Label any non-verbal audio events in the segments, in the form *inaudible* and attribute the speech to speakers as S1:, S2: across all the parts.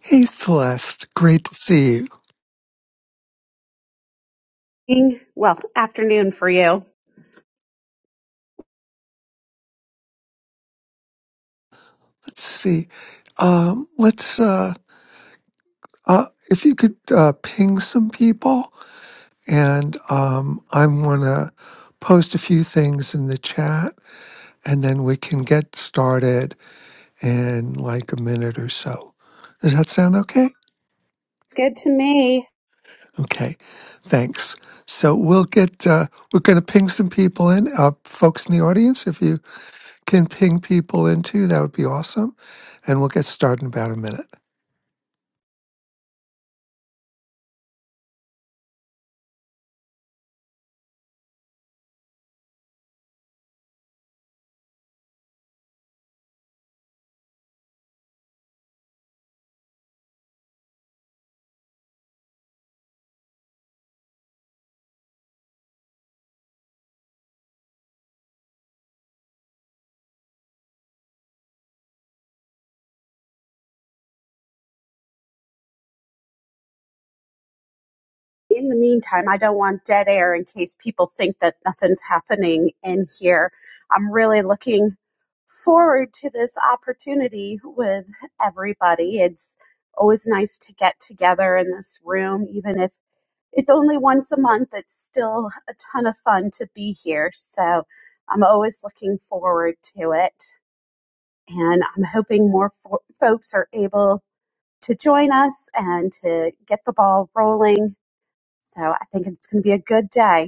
S1: Hey Celeste, great to see you.
S2: Evening. Well, afternoon for you.
S1: Let's see. Um, let's uh, uh, if you could uh, ping some people, and um, I'm gonna post a few things in the chat, and then we can get started in like a minute or so. Does that sound okay?
S2: It's good to me.
S1: Okay, thanks. So we'll get uh, we're gonna ping some people in, uh, folks in the audience. If you can ping people in too, that would be awesome, and we'll get started in about a minute.
S2: In the meantime, I don't want dead air in case people think that nothing's happening in here. I'm really looking forward to this opportunity with everybody. It's always nice to get together in this room, even if it's only once a month. It's still a ton of fun to be here. So I'm always looking forward to it. And I'm hoping more fo- folks are able to join us and to get the ball rolling. So I think it's going to be a good day.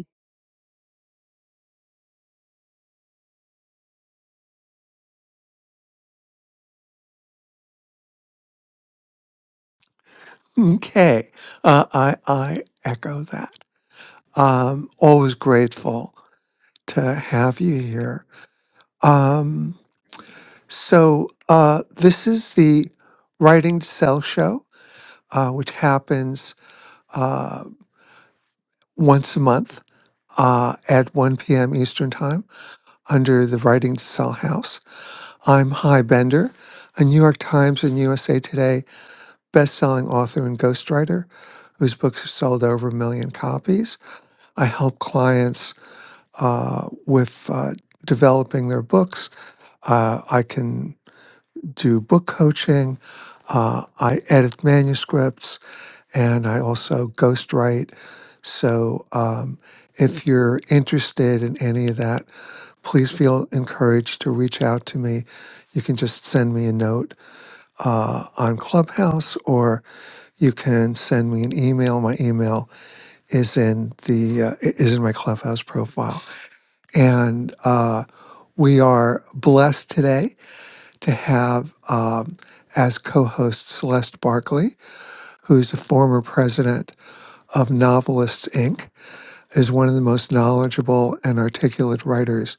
S1: Okay. Uh, I, I echo that. Um, always grateful to have you here. Um, so, uh, this is the Writing to Sell show, uh, which happens uh, once a month uh, at 1 p.m. Eastern Time under the Writing to Sell house. I'm High Bender, a New York Times and USA Today best-selling author and ghostwriter whose books have sold over a million copies. I help clients uh, with uh, developing their books. Uh, I can do book coaching. Uh, I edit manuscripts, and I also ghostwrite. So, um, if you're interested in any of that, please feel encouraged to reach out to me. You can just send me a note uh, on Clubhouse, or you can send me an email. My email is in the uh, i- is in my Clubhouse profile, and uh, we are blessed today to have um, as co-host Celeste Barkley, who's the former president of Novelists Inc., is one of the most knowledgeable and articulate writers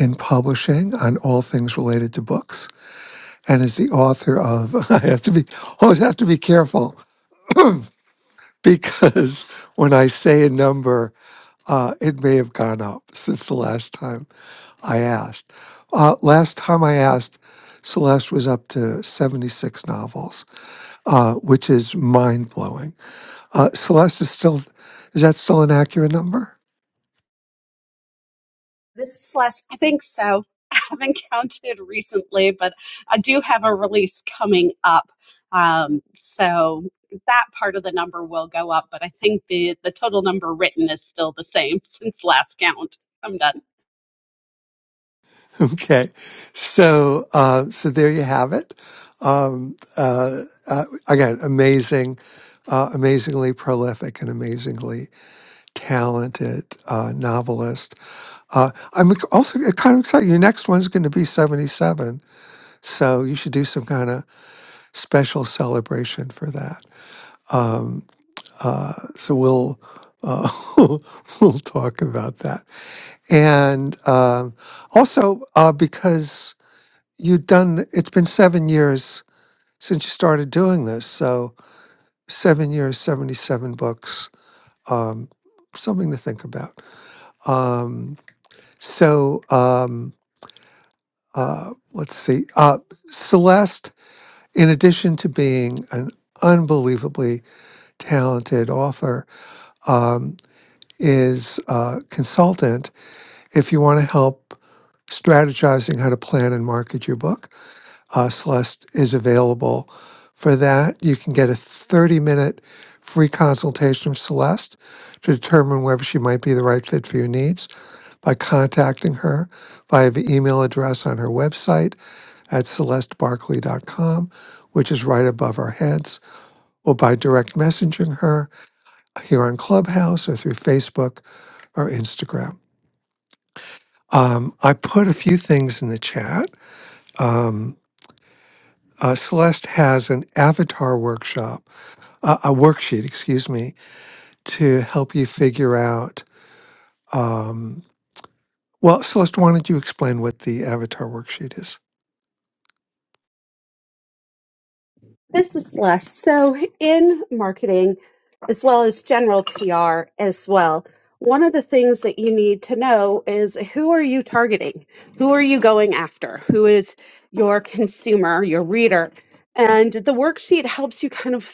S1: in publishing on all things related to books, and is the author of *laughs* I have to be always have to be careful because *laughs* when I say a number, uh, it may have gone up since the last time I asked. Uh, last time I asked, Celeste was up to 76 novels, uh, which is mind blowing. Uh, Celeste is still, is that still an accurate number? *laughs*
S2: This is Celeste. I think so. *laughs* I haven't counted recently, but I do have a release coming up. Um, so that part of the number will go up, but I think the, the total number written is still the same *laughs* since last count. I'm done.
S1: Okay. So, uh, so there you have it. Um, uh, uh, again, amazing, uh, amazingly prolific and amazingly talented uh, novelist Uh, I'm ex- also kind of excited. Your next one's going to be 77, so you should do some kind of special celebration for that. Uh, so we'll uh, *laughs* we'll talk about that. And um, also uh, because you've done, it's been seven years since you started doing this, so seven years, 77 books, um, something to think about. Um, so um, uh, let's see, uh, Celeste. in addition to being an unbelievably talented author, um, is a consultant. If you want to help strategizing how to plan and market your book, uh, Celeste is available for that. You can get a 30 minute free consultation with Celeste to determine whether she might be the right fit for your needs by contacting her via the email address on her website at celestebarkley.com, which is right above our heads or by direct messaging her here on Clubhouse or through Facebook or Instagram. Um, I put a few things in the chat. Um, uh, Celeste has an avatar workshop, uh, a worksheet, excuse me, to help you figure out. Um, well, Celeste, why don't you explain what the avatar worksheet is?
S2: This is Celeste. So, in marketing, as well as general PR, as well, one of the things that you need to know is who are you targeting? Who are you going after? Who is your consumer, your reader? And the worksheet helps you kind of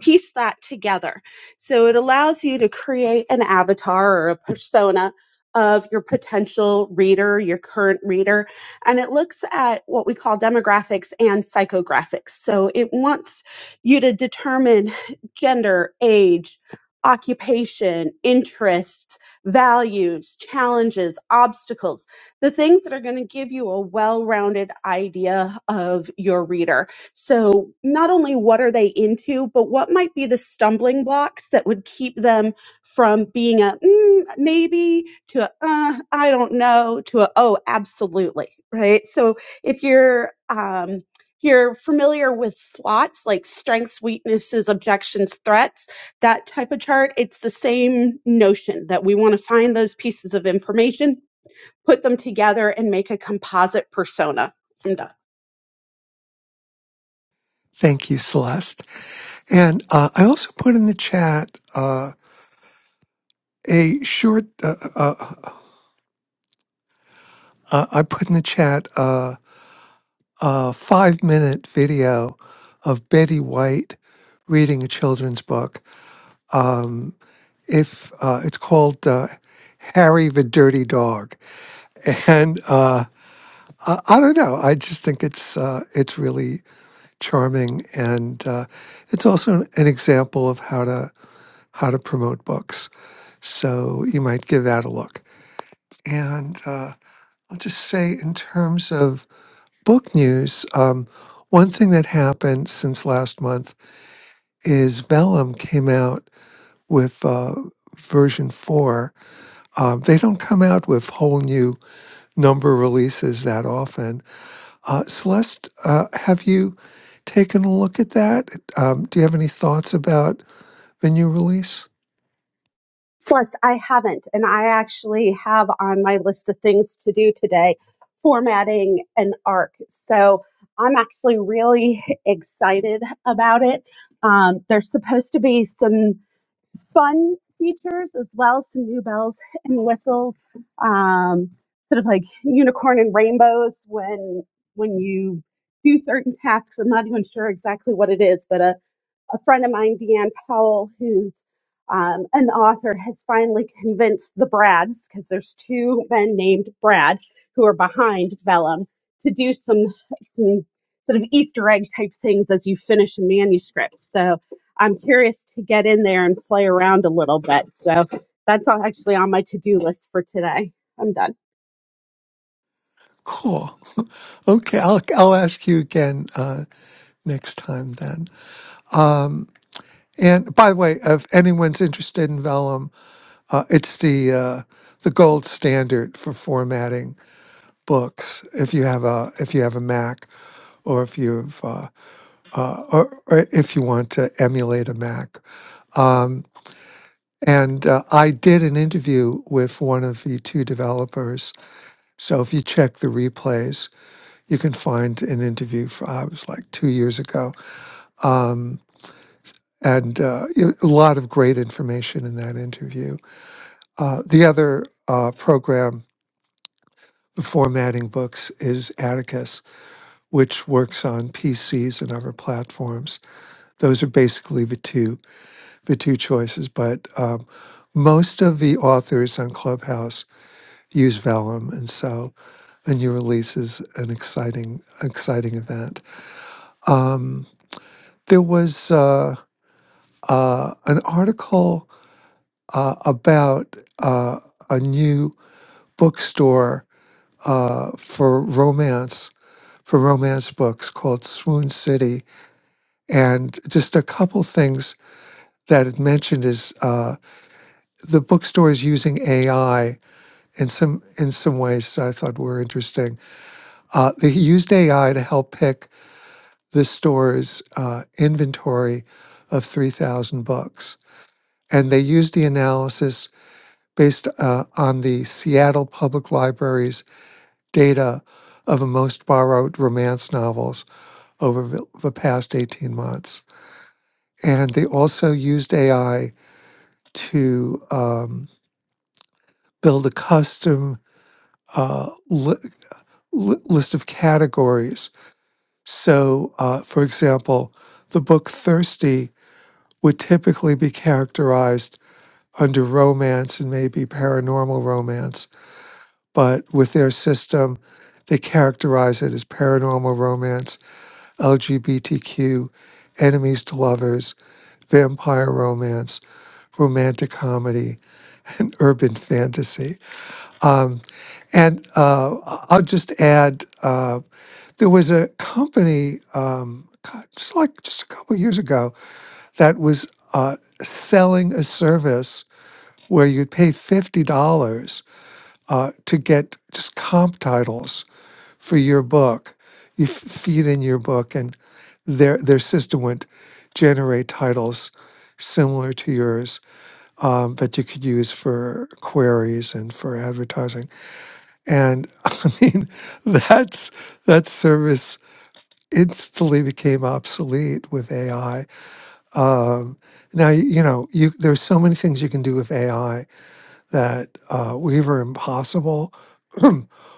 S2: piece that together. So it allows you to create an avatar or a persona of your potential reader, your current reader, and it looks at what we call demographics and psychographics. So it wants you to determine gender, age, occupation, interests, values, challenges, obstacles, the things that are going to give you a well rounded idea of your reader so, not only what are they into, but what might be the stumbling blocks that would keep them from being a mm, maybe to a uh, I don't know to a oh, absolutely, right? So, if you're um, if you're familiar with SWOTs like strengths, weaknesses, objections, threats, that type of chart, it's the same notion that we want to find those pieces of information put them together and make a composite persona. I'm done.
S1: Thank you, Celeste. And uh, I also put in the chat uh, a short, uh, uh, uh, I put in the chat. Uh, a five minute video of Betty White reading a children's book. Um, if uh, it's called uh, Harry the Dirty Dog, and uh, I, I don't know, I just think it's uh, it's really charming, and uh, it's also an, an example of how to how to promote books. So you might give that a look. And uh, I'll just say, in terms of book news, um, one thing that happened since last month is Vellum came out with uh, version four. Uh, they don't come out with whole new number releases that often. Uh, Celeste, uh, have you taken a look at that? Um, do you have any thoughts about the new release?
S2: Celeste, I haven't. And I actually have on my list of things to do today formatting an ARC. So I'm actually really *laughs* excited about it. Um, there's supposed to be some fun features as well, some new bells and whistles, um, sort of like unicorn and rainbows when when you do certain tasks. I'm not even sure exactly what it is, but a a friend of mine, Deanne Powell, who's um, an author, has finally convinced the Brads, because there's two men named Brad who are behind Vellum, to do some, some sort of Easter egg type things as you finish a manuscript. So I'm curious to get in there and play around a little bit. So that's all actually on my to do list for today. I'm done.
S1: Cool. *laughs* Okay, I'll I'll ask you again uh, next time then. And by the way, if anyone's interested in Vellum, Uh, it's the uh, the gold standard for formatting books. If you have a if you have a Mac, or if you've uh, uh, or, or if you want to emulate a Mac. Um, and uh, I did an interview with one of the two developers. So if you check the replays, you can find an interview. For, I was like two years ago. Um, and uh, y- a lot of great information in that interview. Uh, the other uh, program formatting books is Atticus, which works on PCs and other platforms. Those are basically the two the two choices. But um, most of the authors on Clubhouse use Vellum, and so a new release is an exciting exciting event. Um, there was uh, uh, an article uh, about uh, a new bookstore uh, for romance for romance books called Swoon City And just a couple things that it mentioned is uh, the bookstore is using AI in some in some ways that I thought were interesting. Uh, they used AI to help pick the store's uh, inventory of three thousand books, and they used the analysis based uh, on the Seattle Public Library's data of the most borrowed romance novels over the the past 18 months. And they also used AI to um, build a custom uh, li- li- list of categories. So, uh, for example, the book Thirsty would typically be characterized under romance and maybe paranormal romance, but with their system, they characterize it as paranormal romance, LGBTQ, enemies to lovers, vampire romance, romantic comedy, and urban fantasy. Um, And uh, I- I'll just add, uh, there was a company, um, God, just like just a couple years ago, that was uh, selling a service where you'd pay fifty dollars uh, to get just comp titles for your book. You f- feed in your book, and their their system would generate titles similar to yours um, that you could use for queries and for advertising. And *laughs* I mean, that's that service instantly became obsolete with AI. Um, now, y- you know, you there's so many things you can do with AI that uh, were either impossible *clears throat*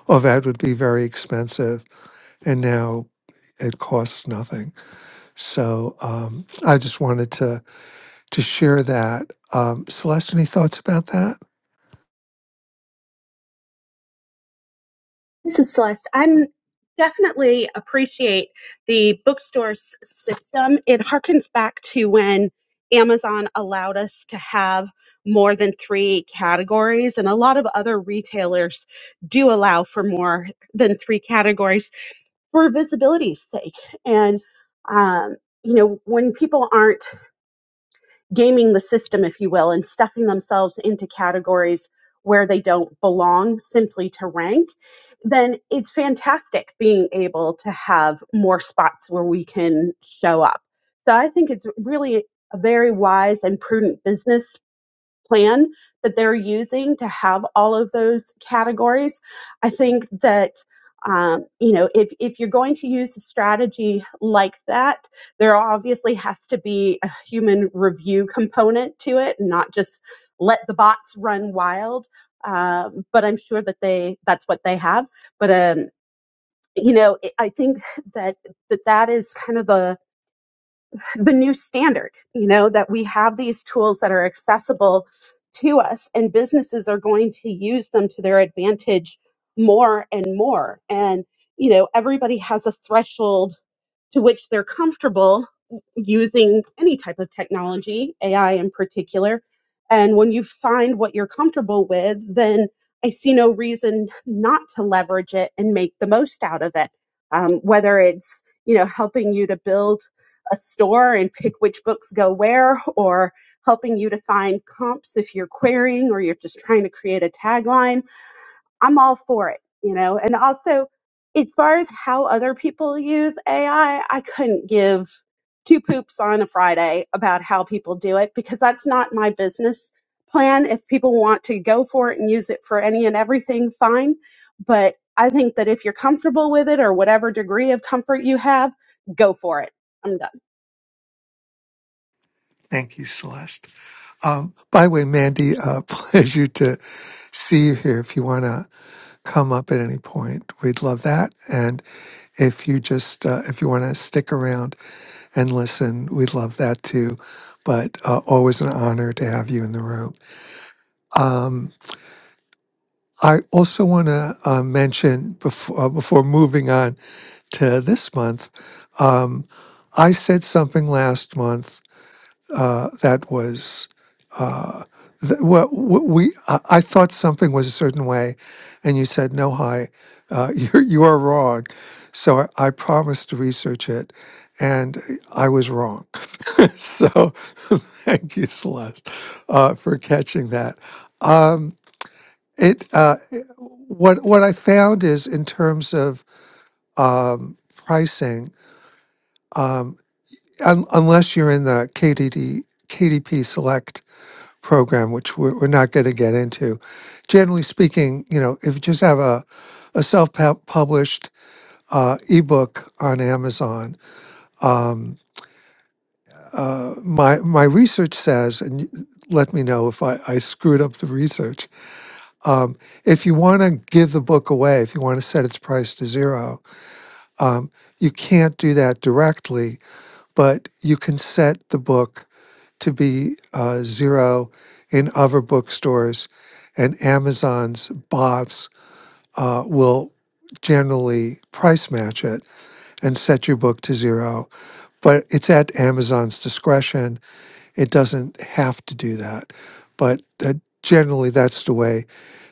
S1: or that would be very expensive, and now it costs nothing. So um, I just wanted to to share that. Um, Celeste, any thoughts about that?
S2: This is Celeste. i definitely appreciate the bookstore s- system. It harkens back to when Amazon allowed us to have more than three categories, and a lot of other retailers do allow for more than three categories for visibility's sake. And um, you know, when people aren't gaming the system, if you will, and stuffing themselves into categories where they don't belong simply to rank, then it's fantastic being able to have more spots where we can show up. So I think it's really a very wise and prudent business plan that they're using to have all of those categories. I think that um, you know if, if you're going to use a strategy like that, there obviously has to be a human review component to it, and not just let the bots run wild. Um, but I'm sure that they that's what they have. But um, you know, I think that that that is kind of the the new standard, you know, that we have these tools that are accessible to us and businesses are going to use them to their advantage more and more. And, you know, everybody has a threshold to which they're comfortable using any type of technology, AI in particular. And when you find what you're comfortable with, then I see no reason not to leverage it and make the most out of it. Um, whether it's you know helping you to build a store and pick which books go where, or helping you to find comps if you're querying or you're just trying to create a tagline I'm all for it, you know. And also, as far as how other people use AI, I I couldn't give two poops on a Friday about how people do it because that's not my business plan. If people want to go for it and use it for any and everything, fine. But I think that if you're comfortable with it or whatever degree of comfort you have, go for it. I'm done.
S1: Thank you, Celeste. Um, by the way, Mandy, uh, *laughs* pleasure to see you here. If you want to come up at any point, we'd love that. And if you just, uh, if you want to stick around and listen, we'd love that too. But uh, always an honor to have you in the room. Um, I also want to uh, mention before, uh, before moving on to this month, um, I said something last month uh, that was uh, th- what what we I, I thought something was a certain way, and you said no, hi, uh, *laughs* you you are wrong. So I, I promised to research it, and I was wrong. *laughs* so *laughs* thank you, Celeste, uh, for catching that. Um, it uh, it- what what I found is in terms of um, pricing, um, un- unless you're in the KDD KDP Select program, which we're, we're not going to get into. Generally speaking, you know, if you just have a, a self published uh, ebook on Amazon, um, uh, my my research says, and y- let me know if I, I screwed up the research. Um, if you want to give the book away, if you want to set its price to zero, um, you can't do that directly, but you can set the book. to be uh, zero in other bookstores, and Amazon's bots uh, will generally price match it and set your book to zero. But it's at Amazon's discretion. It doesn't have to do that. But uh, generally, that's the way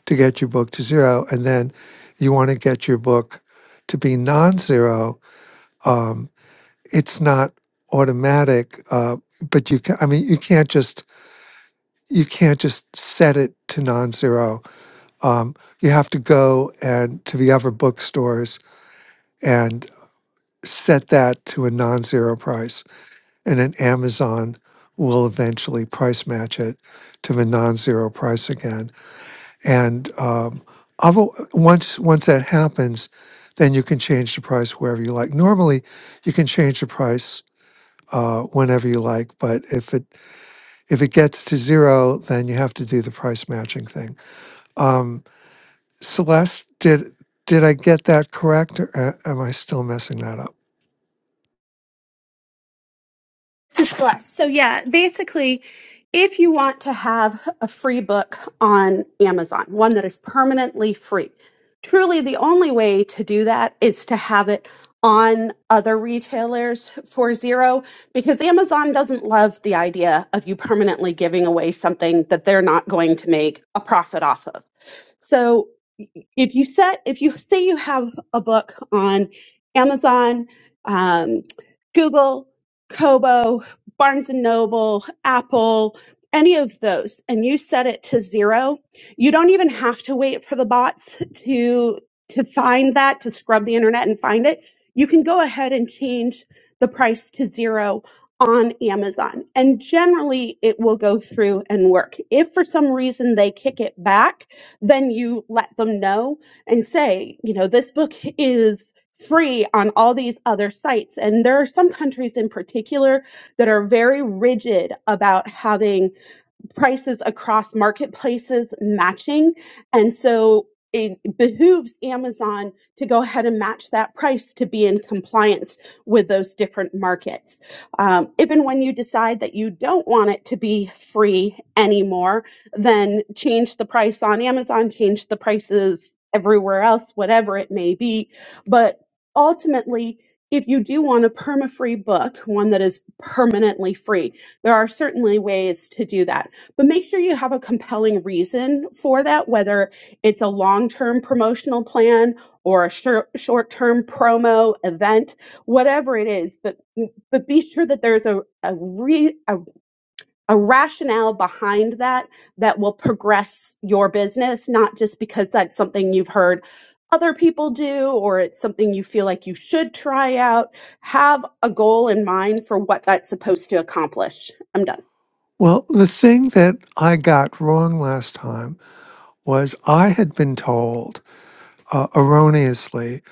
S1: to get your book to zero. And then you want to get your book to be non zero. Um, it's not automatic, uh, but you can, I mean, you can't just you can't just set it to non-zero. Um, you have to go and to the other bookstores and set that to a non-zero price, and then Amazon will eventually price match it to the non-zero price again. And um, other, once once that happens, then you can change the price wherever you like. Normally, you can change the price. Uh, whenever you like, but if it if it gets to zero, then you have to do the price matching thing. Um, Celeste, did did I get that correct, or a- am I still messing that up?
S2: Bless. So yeah, basically, if you want to have a free book on Amazon, one that is permanently free, truly the only way to do that is to have it on other retailers for zero because Amazon doesn't love the idea of you permanently giving away something that they're not going to make a profit off of. So if you set if you say you have a book on Amazon, um, Google, Kobo, Barnes and Noble, Apple, any of those, and you set it to zero, you don't even have to wait for the bots to to find that to scrub the internet and find it. You can go ahead and change the price to zero on Amazon, and generally it will go through and work. If for some reason they kick it back, then you let them know and say, you know, this book is free on all these other sites. And there are some countries in particular that are very rigid about having prices across marketplaces matching. And so it behooves Amazon to go ahead and match that price to be in compliance with those different markets. Um, even when you decide that you don't want it to be free anymore, then change the price on Amazon, change the prices everywhere else, whatever it may be. But ultimately, if you do want a perma free book, one that is permanently free, there are certainly ways to do that but make sure you have a compelling reason for that, whether it's a long term promotional plan or a short term promo event, whatever it is. But but be sure that there's a a, re, a a rationale behind that that will progress your business, not just because that's something you've heard other people do or it's something you feel like you should try out. Have a goal in mind for what that's supposed to accomplish. I'm done.
S1: Well, the thing that I got wrong last time was I had been told uh, erroneously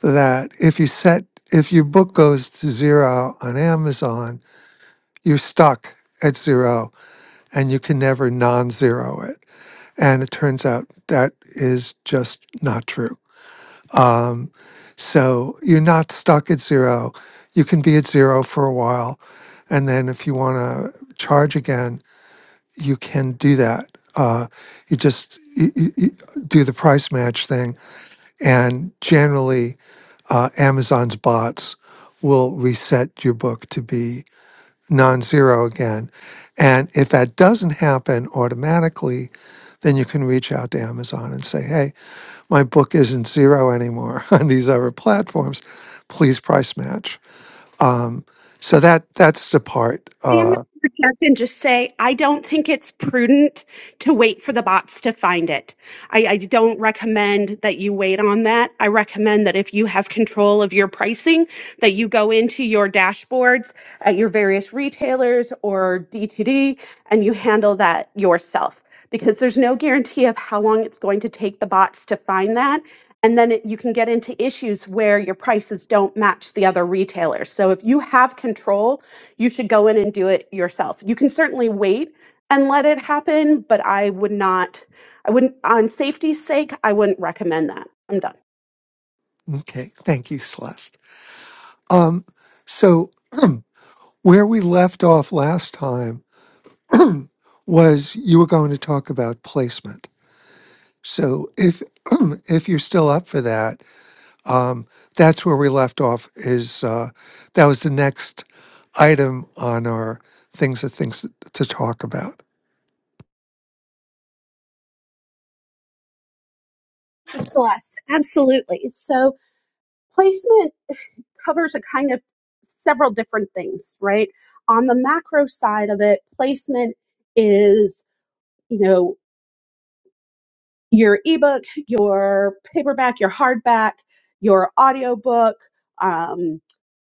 S1: that if you set if your book goes to zero on Amazon, you're stuck at zero and you can never non zero it. And it turns out that is just not true. Um, so you're not stuck at zero. You can be at zero for a while. And then if you want to charge again, you can do that. Uh, you just you, you, you do the price match thing. And generally, uh, Amazon's bots will reset your book to be non-zero again. And if that doesn't happen automatically, then you can reach out to Amazon and say, "Hey, my book isn't zero anymore *laughs* on these other platforms. Please price match." Um, so that that's the part.
S2: I am going to
S1: Uh,
S2: interject and just say I don't think it's prudent to wait for the bots to find it. I, I don't recommend that you wait on that. I recommend that if you have control of your pricing, that you go into your dashboards at your various retailers or D2D and you handle that yourself because there's no guarantee of how long it's going to take the bots to find that. And then it, you can get into issues where your prices don't match the other retailers. So if you have control, you should go in and do it yourself. You can certainly wait and let it happen, but I would not. I wouldn't, on safety's sake, I wouldn't recommend that. I'm done.
S1: okay, thank you, Celeste. Um, so *clears throat* where we left off last time was you were going to talk about placement. So if *clears throat* if you're still up for that, Um, that's where we left off. Is uh, that was the next item on our things of things to talk about.
S2: Yes, Celeste, absolutely. So placement covers a kind of several different things, right? On the macro side of it, placement is, you know, your ebook, your paperback, your hardback, your audiobook, um,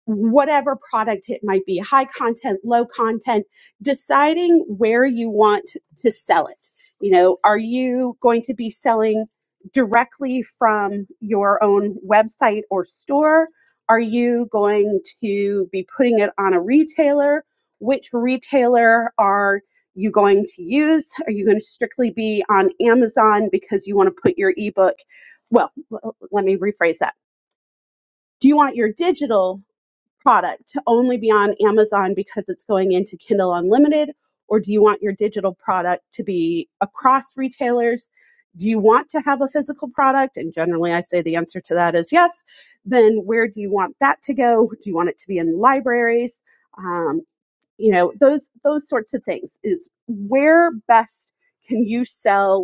S2: whatever product it might be, high content, low content, deciding where you want to sell it. You know, are you going to be selling directly from your own website or store? Are you going to be putting it on a retailer? Which retailer are you going to use? Are you going to strictly be on Amazon because you want to put your ebook? Well, l- let me rephrase that. Do you want your digital product to only be on Amazon because it's going into Kindle Unlimited? Or do you want your digital product to be across retailers? Do you want to have a physical product? And generally, I say the answer to that is yes. Then where do you want that to go? Do you want it to be in libraries? Um, you know those those sorts of things is where best can you sell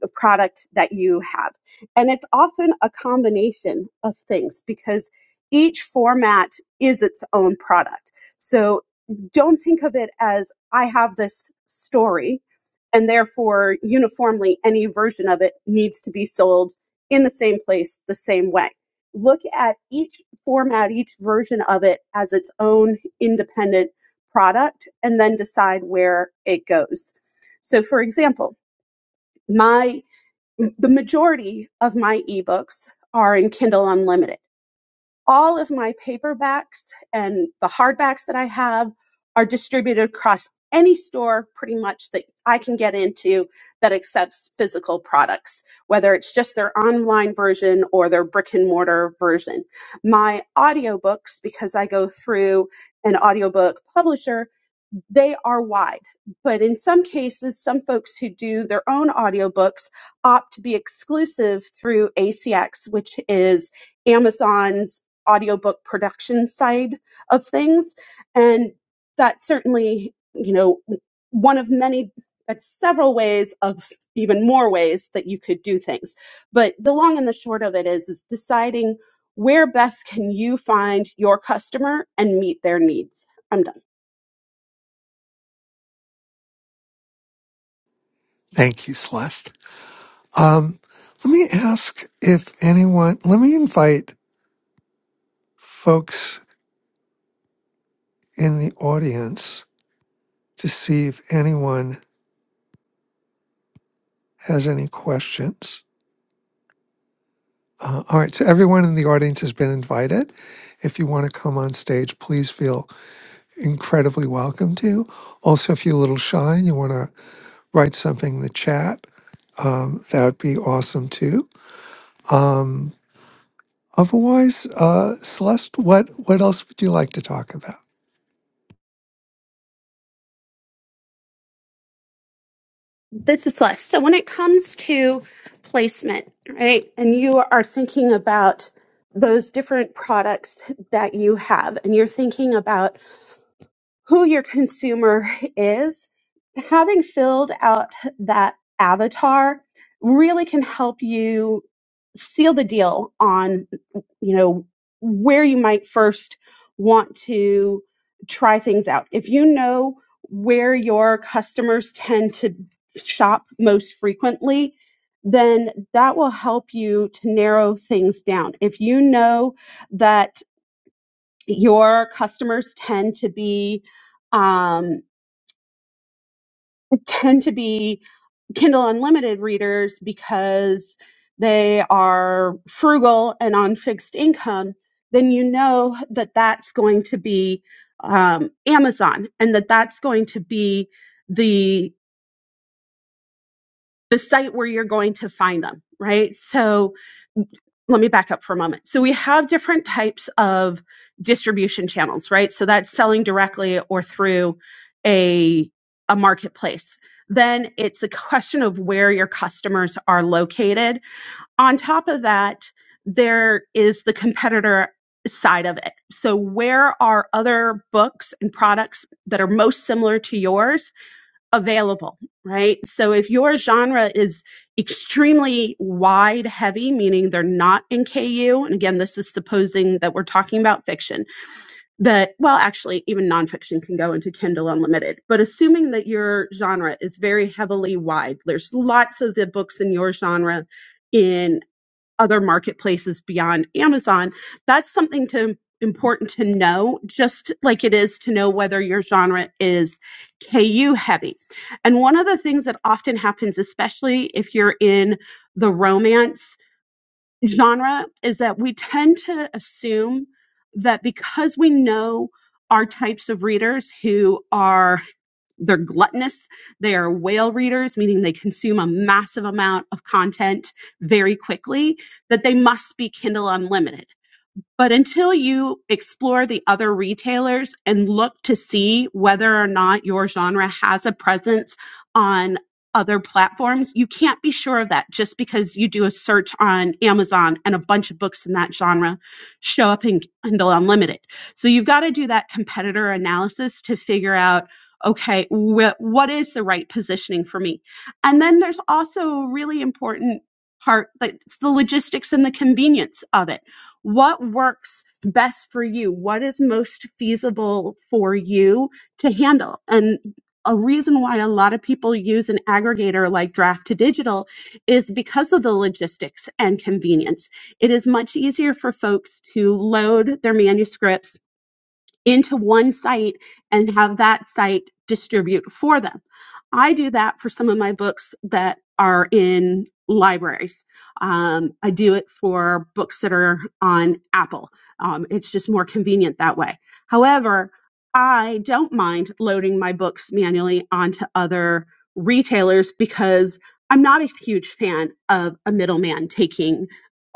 S2: the product that you have. And it's often a combination of things because each format is its own product. So don't think of it as I have this story and therefore uniformly any version of it needs to be sold in the same place the same way. Look at each format, each version of it as its own independent product and then decide where it goes. So for example, my the majority of my ebooks are in Kindle Unlimited. All of my paperbacks and the hardbacks that I have are distributed across any store pretty much that I can get into that accepts physical products, whether it's just their online version or their brick and mortar version. My audiobooks, because I go through an audiobook publisher, they are wide. But in some cases, some folks who do their own audiobooks opt to be exclusive through ACX, which is Amazon's audiobook production side of things. And that's certainly, you know, one of many, that's several ways of s- even more ways that you could do things. But the long and the short of it is, is deciding where best can you find your customer and meet their needs. I'm done.
S1: Thank you, Celeste. Um, let me ask if anyone. Let me invite folks in the audience to see if anyone has any questions. Uh, all right, so everyone in the audience has been invited. If you want to come on stage, please feel incredibly welcome to. Also, if you're a little shy and you want to write something in the chat, um, that would be awesome too. Um, otherwise, uh, Celeste, what what else would you like to talk about?
S2: This is Lex. So when it comes to placement, right, and you are thinking about those different products that you have, and you're thinking about who your consumer is, having filled out that avatar really can help you seal the deal on, you know, where you might first want to try things out. If you know where your customers tend to shop most frequently, then that will help you to narrow things down. If you know that your customers tend to be um, tend to be Kindle Unlimited readers because they are frugal and on fixed income, then you know that that's going to be um, Amazon and that that's going to be the the site where you're going to find them, right? So let me back up for a moment. So we have different types of distribution channels, right? So that's selling directly or through a a marketplace. Then it's a question of where your customers are located. On top of that, there is the competitor side of it. So where are other books and products that are most similar to yours available, right? So if your genre is extremely wide heavy, meaning they're not in KU, and again, this is supposing that we're talking about fiction, that, well, actually, even nonfiction can go into Kindle Unlimited, but assuming that your genre is very heavily wide, there's lots of the books in your genre. in other marketplaces beyond Amazon. That's something to important to know, just like it is to know whether your genre is KU heavy. And one of the things that often happens, especially if you're in the romance genre, is that we tend to assume that because we know our types of readers who are they're gluttonous. They are whale readers, meaning they consume a massive amount of content very quickly, that they must be Kindle Unlimited. But until you explore the other retailers and look to see whether or not your genre has a presence on other platforms, you can't be sure of that just because you do a search on Amazon and a bunch of books in that genre show up in Kindle Unlimited. So you've got to do that competitor analysis to figure out okay, wh- what is the right positioning for me? And then there's also a really important part that's the logistics and the convenience of it what works best for you? What is most feasible for you to handle? And a reason why a lot of people use an aggregator like Draft to Digital is because of the logistics and convenience. It is much easier for folks to load their manuscripts into one site and have that site distribute for them. I do that for some of my books that are in libraries. Um, I do it for books that are on Apple. Um, it's just more convenient that way. However, I don't mind loading my books manually onto other retailers because I'm not a huge fan of a middleman taking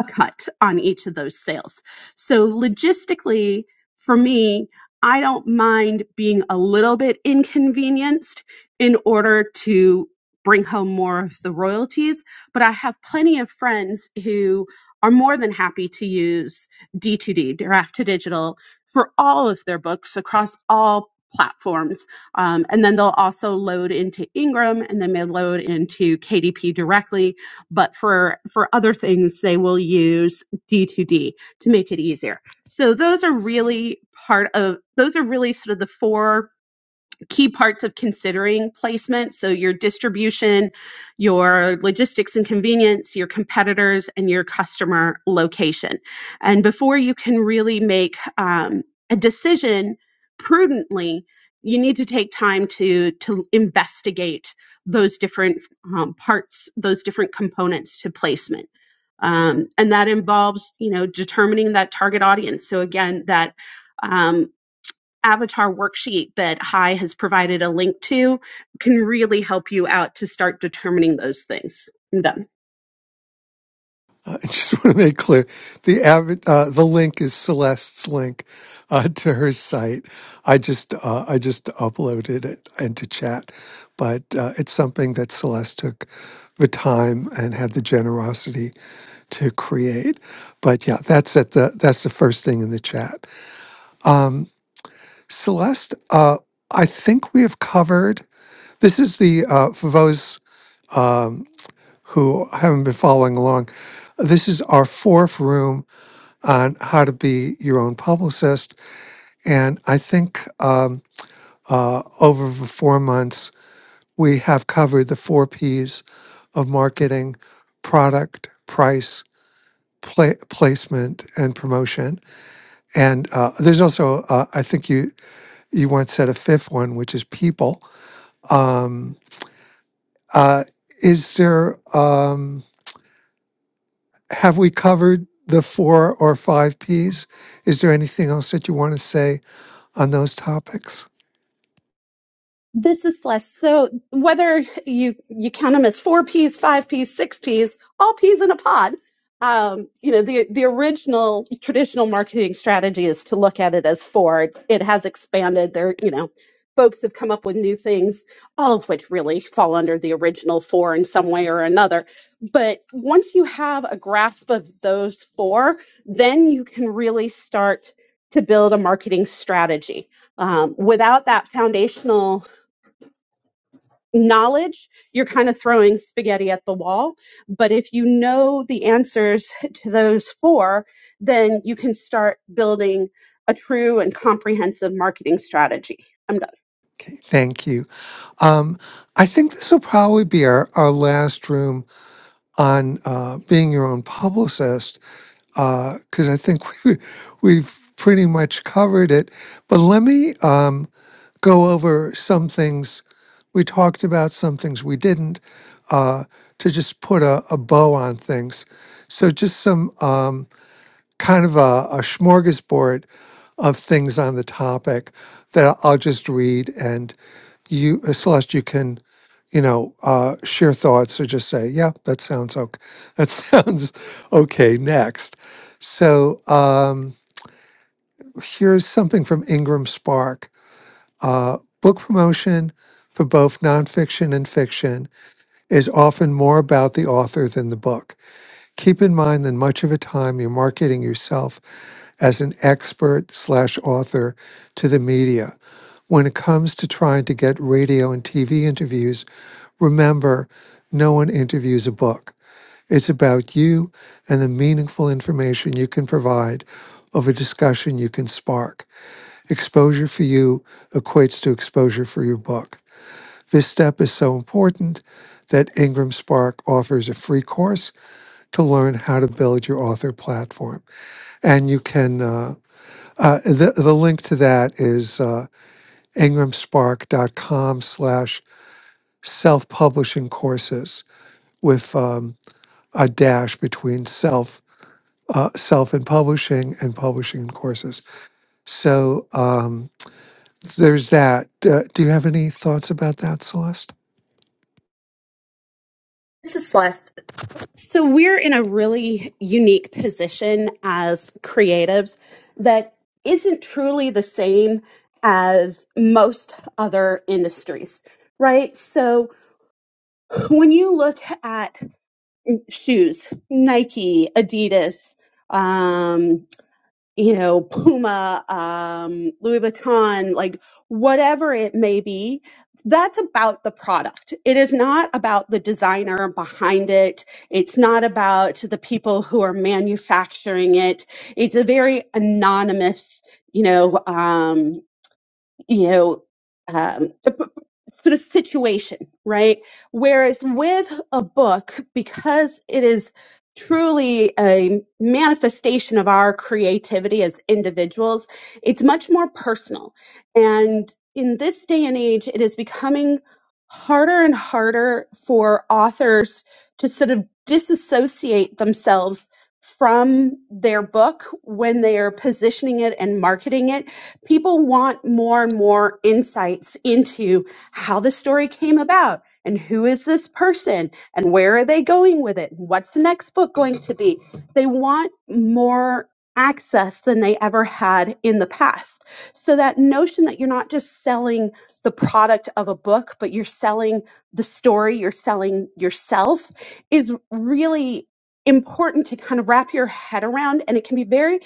S2: a cut on each of those sales. So logistically, for me, I don't mind being a little bit inconvenienced in order to bring home more of the royalties, but I have plenty of friends who are more than happy to use D2D, Draft to Digital, for all of their books across all platforms. Um, and then they'll also load into Ingram and then they load into KDP directly. But for, for other things, they will use D2D to make it easier. So those are really part of those are really sort of the four key parts of considering placement. So, your distribution, your logistics and convenience, your competitors, and your customer location. And before you can really make um, a decision prudently, you need to take time to, to investigate those different um, parts, those different components to placement. Um, and that involves, you know, determining that target audience. So again, that um, avatar worksheet that Hi has provided a link to can really help you out to start determining those things. I'm done.
S1: *laughs* Uh, I just want to make clear the avid, uh, the link is Celeste's link uh, to her site. I just uh, I just uploaded it into chat, but uh, it's something that Celeste took the time and had the generosity to create. But yeah, that's at the that's the first thing in the chat. Celeste, uh, I think we have covered. This is the uh, for those um, who haven't been following along. This is our fourth room on how to be your own publicist. And I think um, uh, over the four months, we have covered the four P's of marketing product, price, pla- placement, and promotion. And uh, there's also, uh, I think you, you once said a fifth one, which is people. Um, uh, is there, um, have we covered the four or five P's? Is there anything else that you want to say on those topics?
S2: This is less. So whether you you count them as four peas, five peas, six peas, all peas in a pod, um, you know the the original traditional marketing strategy is to look at it as four. It, it has expanded. There, you know, folks have come up with new things, all of which really fall under the original four in some way or another. But once you have a grasp of those four, then you can really start to build a marketing strategy um, without that foundational knowledge, you're kind of throwing spaghetti at the wall. But if you know the answers *laughs* to those four, then you can start building a true and comprehensive marketing strategy. I'm done.
S1: Okay, thank you. Um, I think this will probably be our, our last room on uh, being your own publicist because I think *laughs* we, we've pretty much covered it. But let me um, go over some things we talked about, some things we didn't, uh, to just put a, a bow on things. So, just some. Um, kind of a, a smorgasbord of things on the topic that I'll I'll just read, and you, uh, Celeste, you can, you know, uh, share thoughts or just say, "Yeah, that sounds okay. That sounds *laughs* okay." Next, so um, here's something from Ingram Spark. Uh, book promotion for both nonfiction and fiction is often more about the author than the book. Keep in mind that much of the time you're marketing yourself as an expert slash author to the media. When it comes to trying to get radio and TV interviews, remember no one interviews a book. It's about you and the meaningful information you can provide of a discussion you can spark. Exposure for you equates to exposure for your book. This step is so important that Ingram Spark offers a free course to learn how to build your author platform. And you can. uh, uh, the, the link to that is uh, ingramspark.com slash self-publishing courses with um, a dash between self uh, self and publishing and publishing and courses. So um, there's that. Uh, do you have any thoughts about that, Celeste?
S2: This is Celeste. So we're in a really unique position as creatives that isn't truly the same as most other industries, right? So when you look at shoes, Nike, Adidas, um, you know, Puma, um, Louis Vuitton, like whatever it may be, that's about the product. It is not about the designer behind it. It's not about the people who are manufacturing it. It's a very anonymous, you know, um, you know, um, uh, p- p- sort of situation, right? Whereas with a book, because it is truly a manifestation of our creativity as individuals, it's much more personal. And in this day and age, it is becoming harder and harder for authors to sort of disassociate themselves from their book when they are positioning it and marketing it people want more and more insights into how the story came about and who is this person and where are they going with it and what's the next book going to be they want more access than they ever had in the past so that notion that you're not just selling the product of a book but you're selling the story you're selling yourself is really important to kind of wrap your head around and it can be very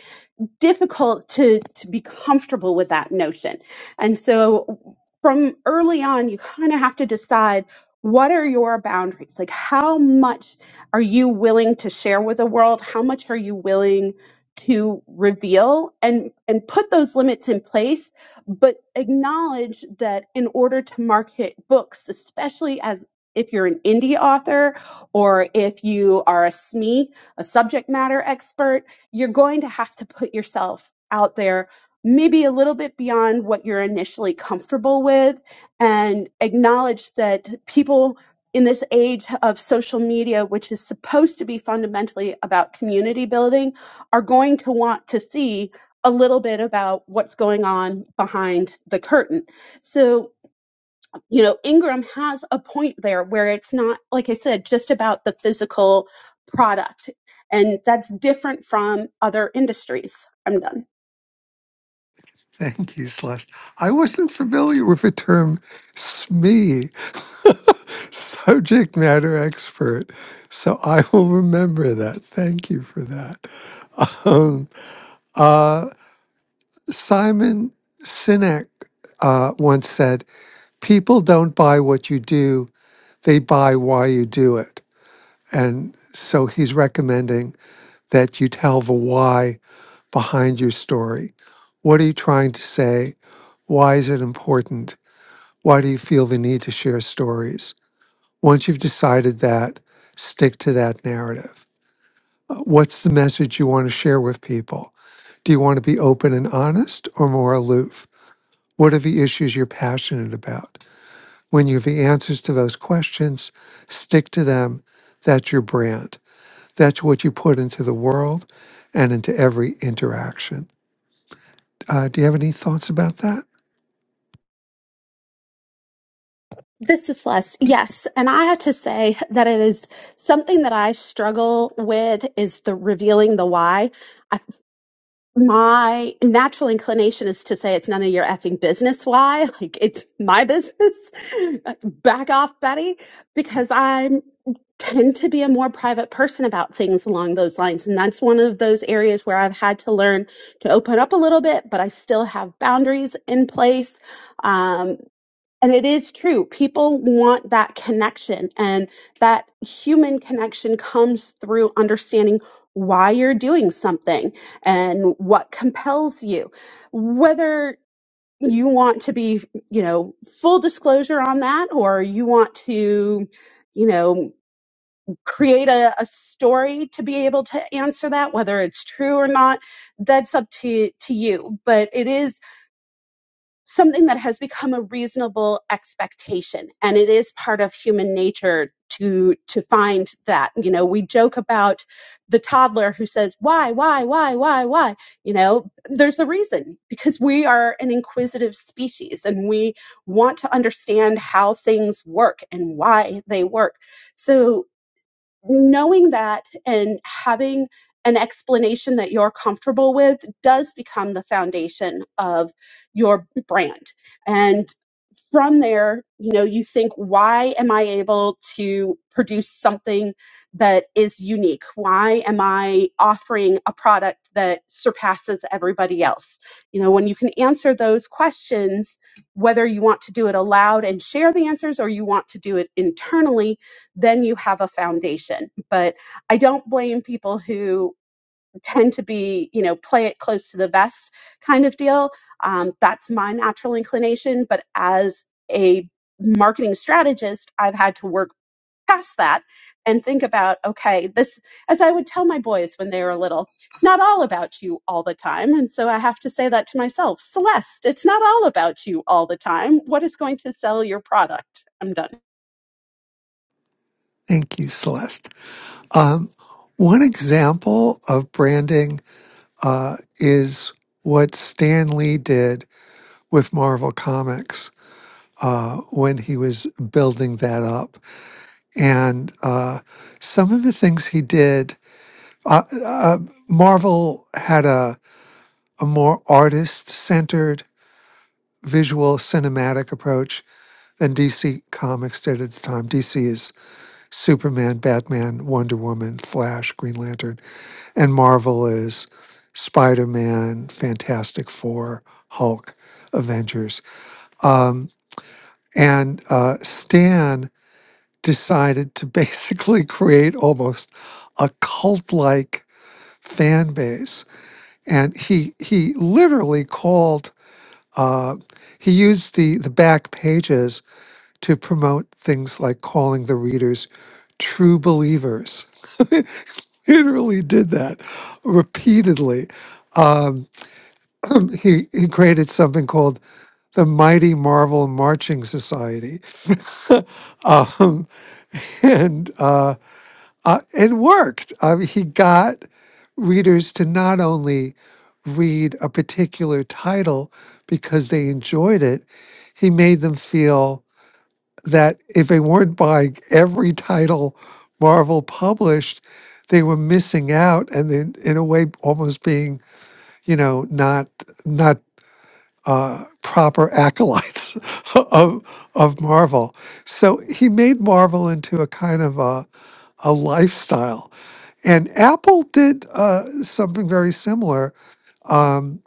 S2: difficult to to be comfortable with that notion. And so from early on you kind of have to decide what are your boundaries? Like how much are you willing to share with the world? How much are you willing to reveal and and put those limits in place but acknowledge that in order to market books especially as if you're an indie author or if you are a SME, a subject matter expert, you're going to have to put yourself out there maybe a little bit beyond what you're initially comfortable with and acknowledge that people in this age of social media which is supposed to be fundamentally about community building are going to want to see a little bit about what's going on behind the curtain so you know, Ingram has a point there where it's not, like I said, just about the physical product. And that's different from other industries. I'm done.
S1: Thank you, Celeste. I wasn't familiar with the term SME, *laughs* subject matter expert. So I will remember that. Thank you for that. Um, uh, Simon Sinek uh, once said, People don't buy what you do, they buy why you do it. And so he's recommending that you tell the why behind your story. What are you trying to say? Why is it important? Why do you feel the need to share stories? Once you've decided that, stick to that narrative. Uh, What's the message you want to share with people? Do you want to be open and honest or more aloof? What are the issues you're passionate about? When you have the answers to those questions, stick to them. That's your brand. That's what you put into the world and into every interaction. Uh, do you have any thoughts about that?
S2: This is Les. Yes, and I have to say that it is something that I struggle with is the revealing the why. I, my natural inclination is to say it's none of your effing business why. *laughs* Like it's my business. *laughs* Back off, Betty, because I tend to be a more private person about things along those lines, and that's one of those areas where I've had to learn to open up a little bit, but I still have boundaries in place. Um, and it is true. People want that connection, and that human connection comes through understanding why you're doing something and what compels you. Whether you want to be, you know, full disclosure on that, or you want to, you know, create a, a story to be able to answer that, whether it's true or not, that's up to, to you. But it is something that has become a reasonable expectation and it is part of human nature to to find that you know we joke about the toddler who says why why why why why you know there's a reason because we are an inquisitive species and we want to understand how things work and why they work so knowing that and having an explanation that you're comfortable with does become the foundation of your brand. And from there, you know, you think, why am I able to produce something that is unique? Why am I offering a product that surpasses everybody else? You know, when you can answer those questions, whether you want to do it aloud and share the answers or you want to do it internally, then you have a foundation. But I don't blame people who tend to be, you know, play it close to the vest kind of deal. Um, that's my natural inclination. But as a marketing strategist, I've had to work past that and think about, okay, this, as I would tell my boys when they were little, it's not all about you all the time. And so I have to say that to myself Celeste, it's not all about you all the time. What is going to sell your product? I'm done.
S1: Thank you, Celeste. Um, one example of branding uh, is what Stan Lee did with Marvel Comics uh, when he was building that up. And uh, some of the things he did, uh, uh, Marvel had a, a more artist centered visual cinematic approach than DC Comics did at the time. DC is Superman, Batman, Wonder Woman, Flash, Green Lantern And Marvel is Spider Man, Fantastic Four, Hulk, Avengers. Um, and uh, Stan decided to *laughs* basically create almost a cult like fan base. And he, he literally called, uh, he used the, the back pages to promote things like calling the readers true believers. *laughs* Literally did that repeatedly. Um, *clears throat* Um, he he created something called the Mighty Marvel Marching Society, *laughs* um, and uh, uh, it worked. I mean, he got readers to not only read a particular title because they enjoyed it, he made them feel that if they weren't buying every title Marvel published, they were missing out, and then in a way almost being you know not not uh, proper acolytes *laughs* of of Marvel. So he made Marvel into a kind of a, a lifestyle, and Apple did uh, something very similar. Um,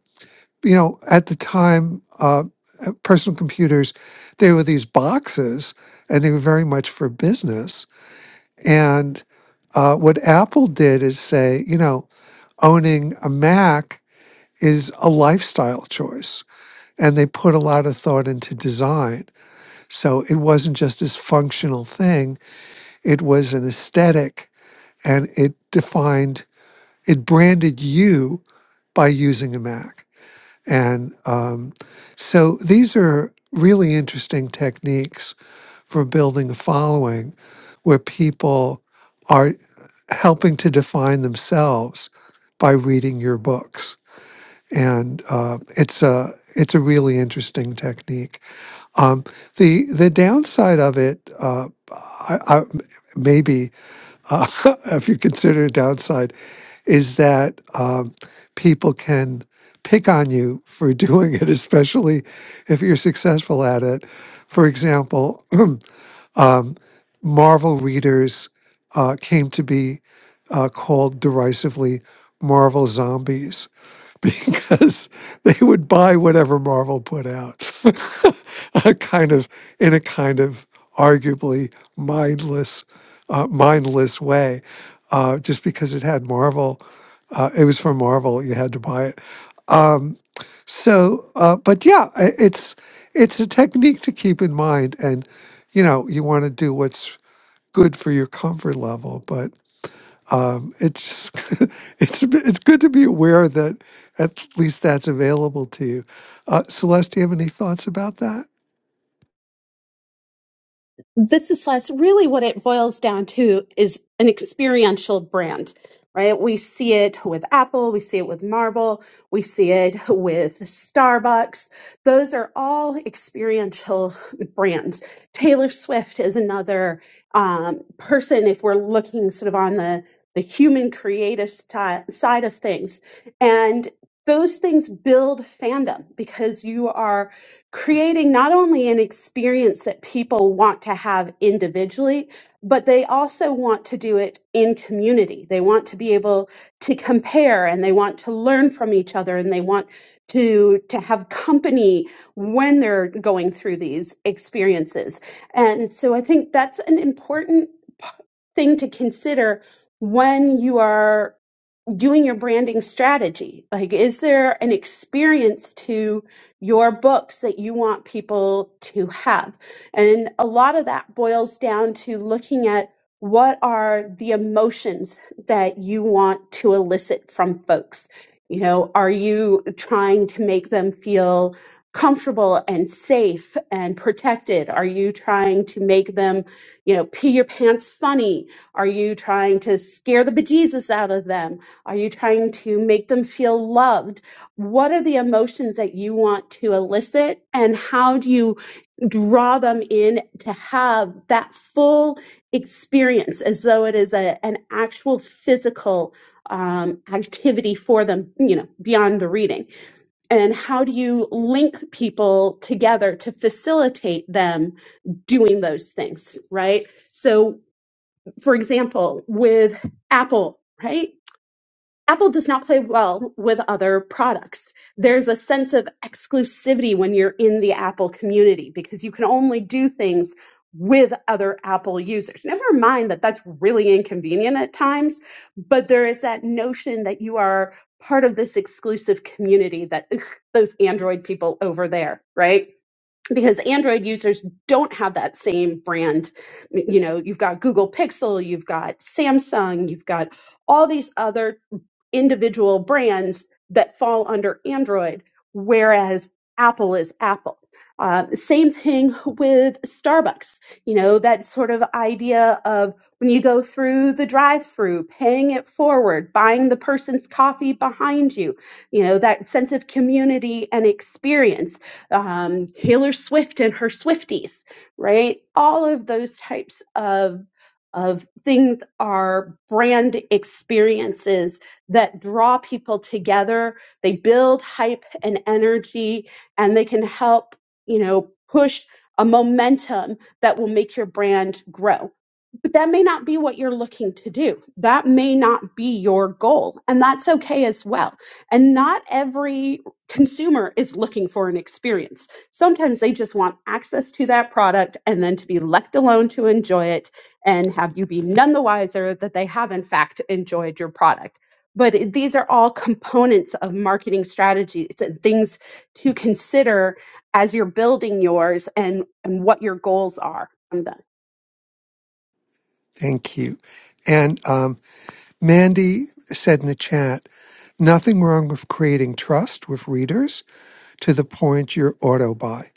S1: you know, at the time, uh, uh, personal computers they were these boxes, and they were very much for business. And uh, what Apple did is say, you know, owning a Mac is a lifestyle choice and they put a lot of thought into design. So it wasn't just this functional thing, it was an aesthetic and it defined, it branded you by using a Mac. And um, so these are really interesting techniques for building a following where people are helping to define themselves by reading your books. And uh, it's a it's a really interesting technique. Um, the the downside of it, uh, I, I, maybe uh, *laughs* if you consider it downside, is that um, people can pick on you for *laughs* doing it, especially if you're successful at it. For example, *clears throat* um, Marvel readers uh, came to be uh, called derisively Marvel zombies *laughs* because they would buy whatever Marvel put out, *laughs* a kind of in a kind of arguably mindless, uh, mindless way, uh, just because it had Marvel. Uh, it was from Marvel. You had to buy it. Um, so, uh, but yeah, i- it's it's a technique to keep in mind, and you know, you want to do what's good for your comfort level, but um, it's *laughs* it's it's good to be aware that at least that's available to you. Uh, Celeste, do you have any thoughts about that?
S2: this is less really what it boils down to is an experiential brand right we see it with apple we see it with marvel we see it with starbucks those are all experiential brands taylor swift is another um, person if we're looking sort of on the the human creative sti- side of things and those things build fandom because you are creating not only an experience that people want to have individually, but they also want to do it in community. They want to be able to compare and they want to learn from each other and they want to to have company when they're going through these experiences. And so I think that's an important p- thing to consider when you are doing your branding strategy? Like, is there an experience to your books that you want people to have? And a lot of that boils down to looking at what are the emotions that you want to elicit from folks? You know, are you trying to make them feel comfortable and safe and protected? Are you trying to make them, you know, pee your pants funny? Are you trying to scare the bejesus out of them? Are you trying to make them feel loved? What are the emotions that you want to elicit? And how do you draw them in to have that full experience as though it is a, an actual physical um, activity for them, you know, beyond the reading? And how do you link people together to facilitate them doing those things, right? So, for example, with Apple, right? Apple does not play well with other products. There's a sense of exclusivity when you're in the Apple community because you can only do things with other Apple users. Never mind that that's really inconvenient at times, but there is that notion that you are part of this exclusive community that ugh, those Android people over there, right? Because Android users don't have that same brand. You know, you've got Google Pixel, you've got Samsung, you've got all these other individual brands that fall under Android, whereas Apple is Apple. Uh, same thing with Starbucks. You know, that sort of idea of when you go through the drive through, paying it forward, buying the person's coffee behind you, you know, that sense of community and experience. Um, Taylor Swift and her Swifties, right? All of those types of of things are brand experiences that draw people together. They build hype and energy, and they can help, you know, push a momentum that will make your brand grow but that may not be what you're looking to do. That may not be your goal, and that's okay as well. And not every consumer is looking for an experience. Sometimes they just want access to that product and then to be left alone to enjoy it and have you be none the wiser that they have, in fact, enjoyed your product. But it- these are all components of marketing strategies and things to consider as you're building yours and, and what your goals are.
S1: Thank you. And um, Mandy said in the chat, nothing wrong with creating trust with readers to the point you're auto buy.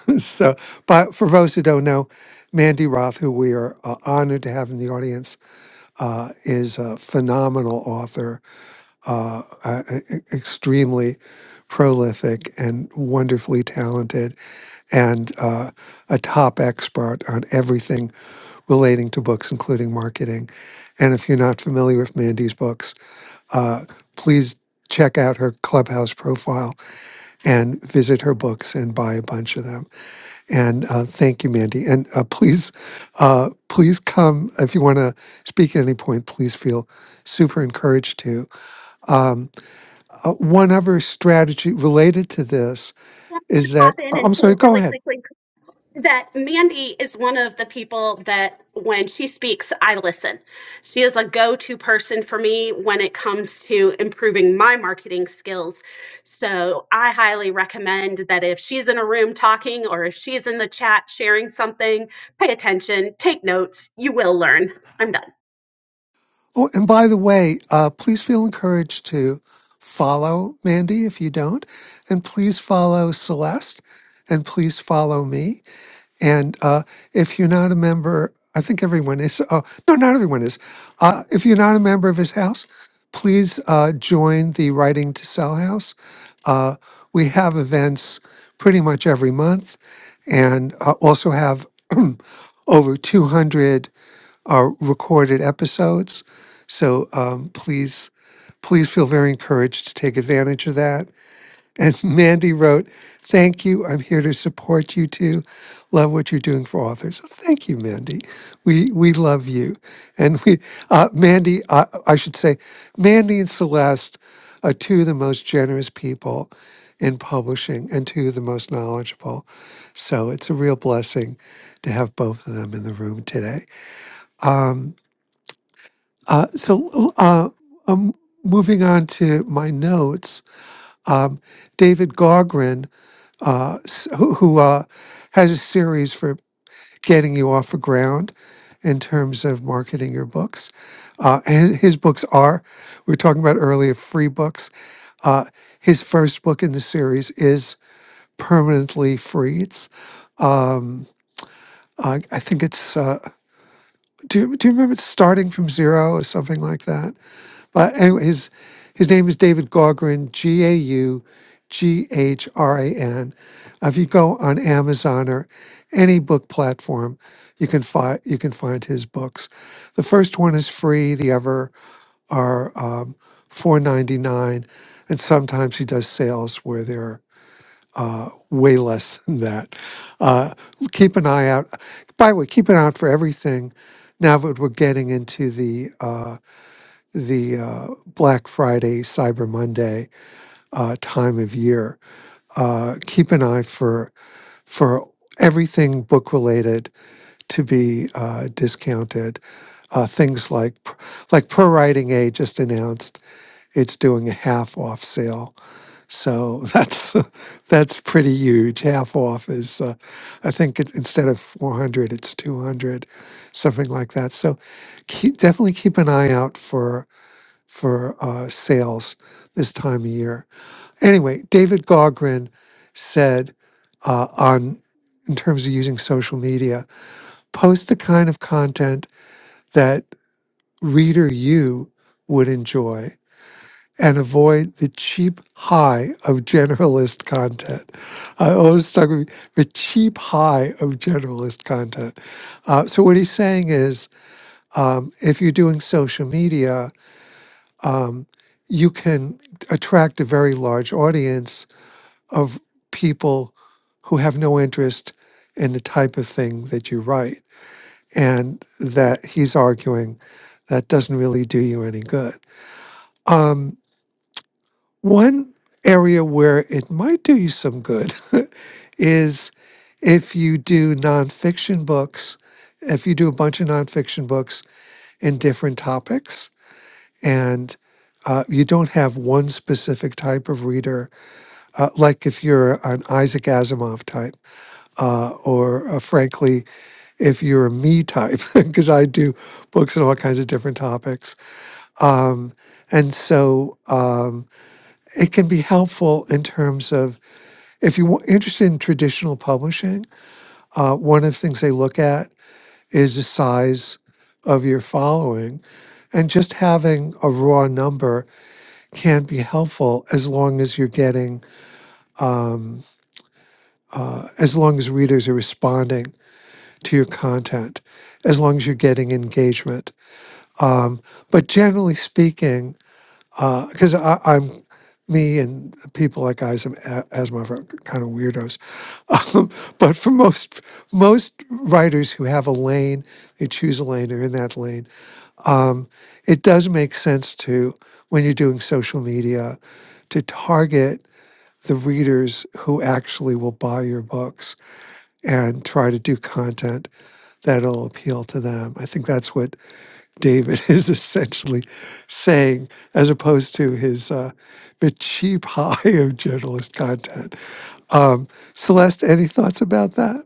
S1: *laughs* so, but for those who don't know, Mandy Roth, who we are uh, honored to have in the audience, uh, is a phenomenal author uh, uh, e- e, extremely prolific and wonderfully talented and uh, a top expert on everything relating to books, including marketing. And if you're not familiar with Mandy's books, uh, please check out her Clubhouse profile and visit her books and buy a bunch of them. And uh, thank you, Mandy. And uh, please, uh, please come if you want to speak at any point. Please feel super encouraged to. Um, uh, one other strategy related to this is
S2: Pop
S1: that
S2: in
S1: uh,
S2: and
S1: I'm
S2: say
S1: sorry. Go
S2: really
S1: ahead.
S2: quickly, that Mandy is one of the people that when she speaks, I listen. She is a go to person for me when it comes to improving my marketing skills. So I highly recommend that if she's in a room talking or if she's in the chat sharing something, pay attention, take notes. You will learn. I'm done.
S1: Oh, and by the way, uh, please feel encouraged to follow Mandy if you don't, and please follow Celeste, and please follow me. And uh, if you're not a member, I think everyone is. Oh, no, not everyone is. Uh, if you're not a member of his house, please uh, join the Writing to Sell House. Uh, we have events pretty much every month and uh, also have *clears throat* over 200 uh, recorded episodes. So um, please, please feel very encouraged to take advantage of that. And *laughs* Mandy wrote, Thank you. I'm here to support you too. Love what you're doing for authors. So Thank you, Mandy. We we love you. And we, uh, Mandy, uh, I should say, Mandy and Celeste are two of the most generous people in publishing and two of the most knowledgeable. So it's a real blessing to have both of them in the room today. Uh, so uh, um, moving on to my notes, um, David Gogren. uh, s- who, who uh, has a series for getting you off the ground in terms of marketing your books. Uh, and his books are, we were talking about earlier, free books. Uh, his first book in the series is Permanently Free. It's, um, I, I think it's, uh, do, you- do you remember it's Starting from Zero or something like that? But anyway, his his name is David Gaugran, G A U G H R A N. Uh, If you go on Amazon or any book platform, you can find you can find his books. The first one is free. The other are um, four ninety nine, and sometimes he does sales where they're way less *laughs* than that. Uh, keep an eye out. By the way, keep an eye out for everything. Now that we're getting into the uh, the uh, Black Friday, Cyber Monday uh, time of year. Uh, keep an eye for for everything book related to be uh, discounted. Uh, things like like Pro Writing A just announced it's doing a half off sale, so *laughs* that's that's pretty huge. Half off is uh, I think it, instead of four hundred, it's two hundred, something like that. So keep, definitely keep an eye out for for uh, sales this time of year. Anyway, David Goggrin said uh, on in terms of using social media, post the kind of content that reader you would enjoy and avoid the cheap high of generalist content. I always stuck with the cheap high of generalist content. Uh, so what he's saying is, um, if you're doing social media, um, you can attract a very large audience of people who have no interest in the type of thing that you write. And that he's arguing that doesn't really do you any good. Um, one area where it might do you some good *laughs* is if you do nonfiction books, if you do a bunch of nonfiction books in different topics and uh, you don't have one specific type of reader, uh, like if you're an Isaac Asimov type, uh, or uh, frankly, if you're a me type, *laughs* because I do books on all kinds of different topics. Um, and so um, it can be helpful in terms of if you're interested in traditional publishing, uh, one of the things they look at is the size of your following and just having a raw number can be helpful as long as you're getting, um, uh, as long as readers are responding to your content, as long as you're getting engagement. Um, but generally speaking, because I I'm me and people like Isam Asimov are kind of weirdos, *laughs* um, but for most most writers who have a lane, they choose a lane. They're in that lane. Um, it does make sense to when you're doing social media to target. the readers who actually will buy your books and try to do content that'll appeal to them. I think that's what David *laughs* is essentially saying, as opposed to his uh, the cheap *laughs* high of journalist content. Um, Celeste, any thoughts about that?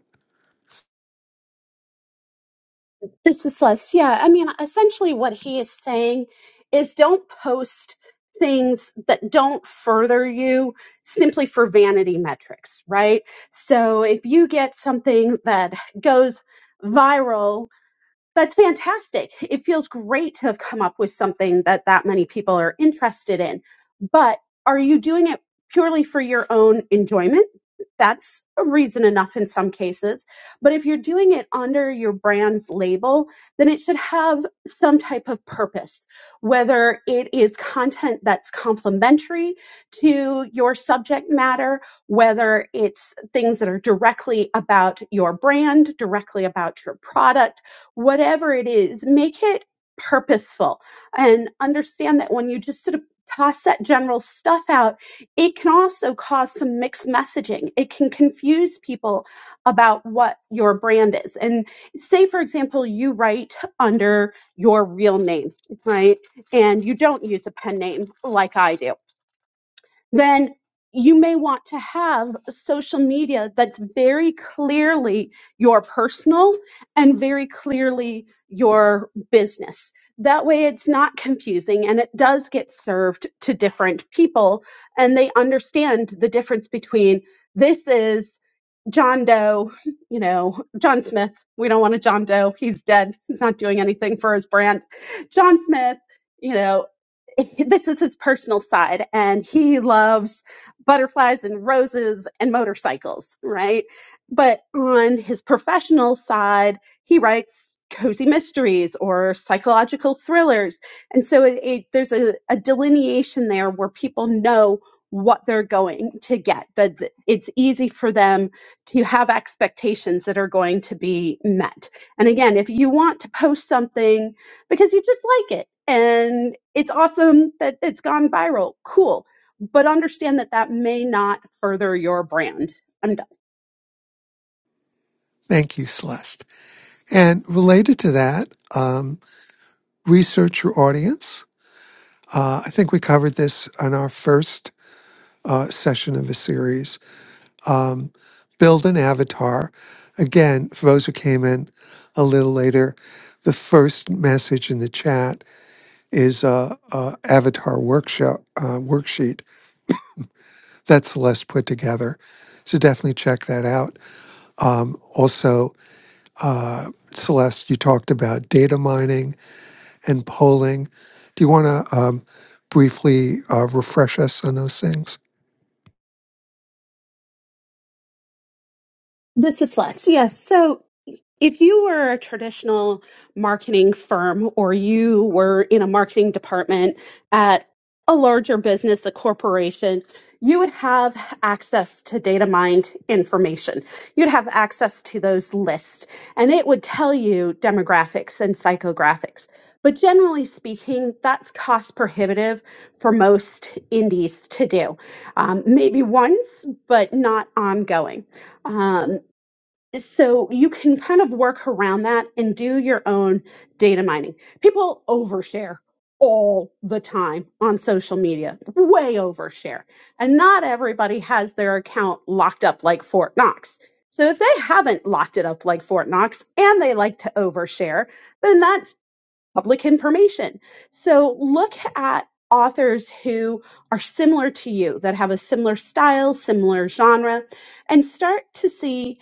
S2: This is Les. Yeah, I mean, essentially what he is saying is don't post things that don't further you simply for vanity metrics, right? So if you get something that goes viral that's fantastic. It feels great to have come up with something that that many people are interested in. But are you doing it purely for your own enjoyment? That's a reason enough in some cases. But if you're doing it under your brand's label, then it should have some type of purpose, whether it is content that's complementary to your subject matter, whether it's things that are directly about your brand, directly about your product whatever it is, make it purposeful and understand that when you just sort of toss that general stuff out, it can also cause some mixed messaging. It can confuse people about what your brand is. And say, for example, you write under your real name, right? And you don't use a pen name like I do then you may want to have social media that's very clearly your personal and very clearly your business. That way it's not confusing and it does get served to different people and they understand the difference between this is John Doe, you know, John Smith. We don't want a John Doe. He's dead. He's not doing anything for his brand. John Smith, you know, *laughs* this is his personal side and he loves butterflies and roses and motorcycles right but on his professional side he writes cozy mysteries or psychological thrillers and so it, it, there's a, a delineation there where people know what they're going to get that that it's easy for them to have expectations that are going to be met and again if you want to post something because you just like it and it's awesome that it's gone viral. Cool. But understand that that may not further your brand. I'm done.
S1: Thank you, Celeste. And related to that, um, research your audience. Uh, I think we covered this on our first uh, session of the series um, build an avatar. Again, for those who came in a little later, the first message in the chat is a, a avatar workshop uh, worksheet that Celeste put together. So definitely check that out. Um, also, uh, Celeste, you talked about data mining and polling. Do you want to um, briefly uh, refresh us on those things?
S2: This is less. Yes. So If you were a traditional marketing firm or you were in a marketing department at a larger business, a corporation, you would have access to data mined information. You'd have access to those lists and it would tell you demographics and psychographics. But generally speaking, that's cost prohibitive for most indies to do. Um, maybe once, but not ongoing. Um, so you can kind of work around that and do your own data mining. People overshare all the time on social media, way overshare. And not everybody has their account locked up like Fort Knox. So if they haven't locked it up like Fort Knox and they like to overshare, then that's public information. So look at authors who are similar to you that have a similar style, similar genre and start to see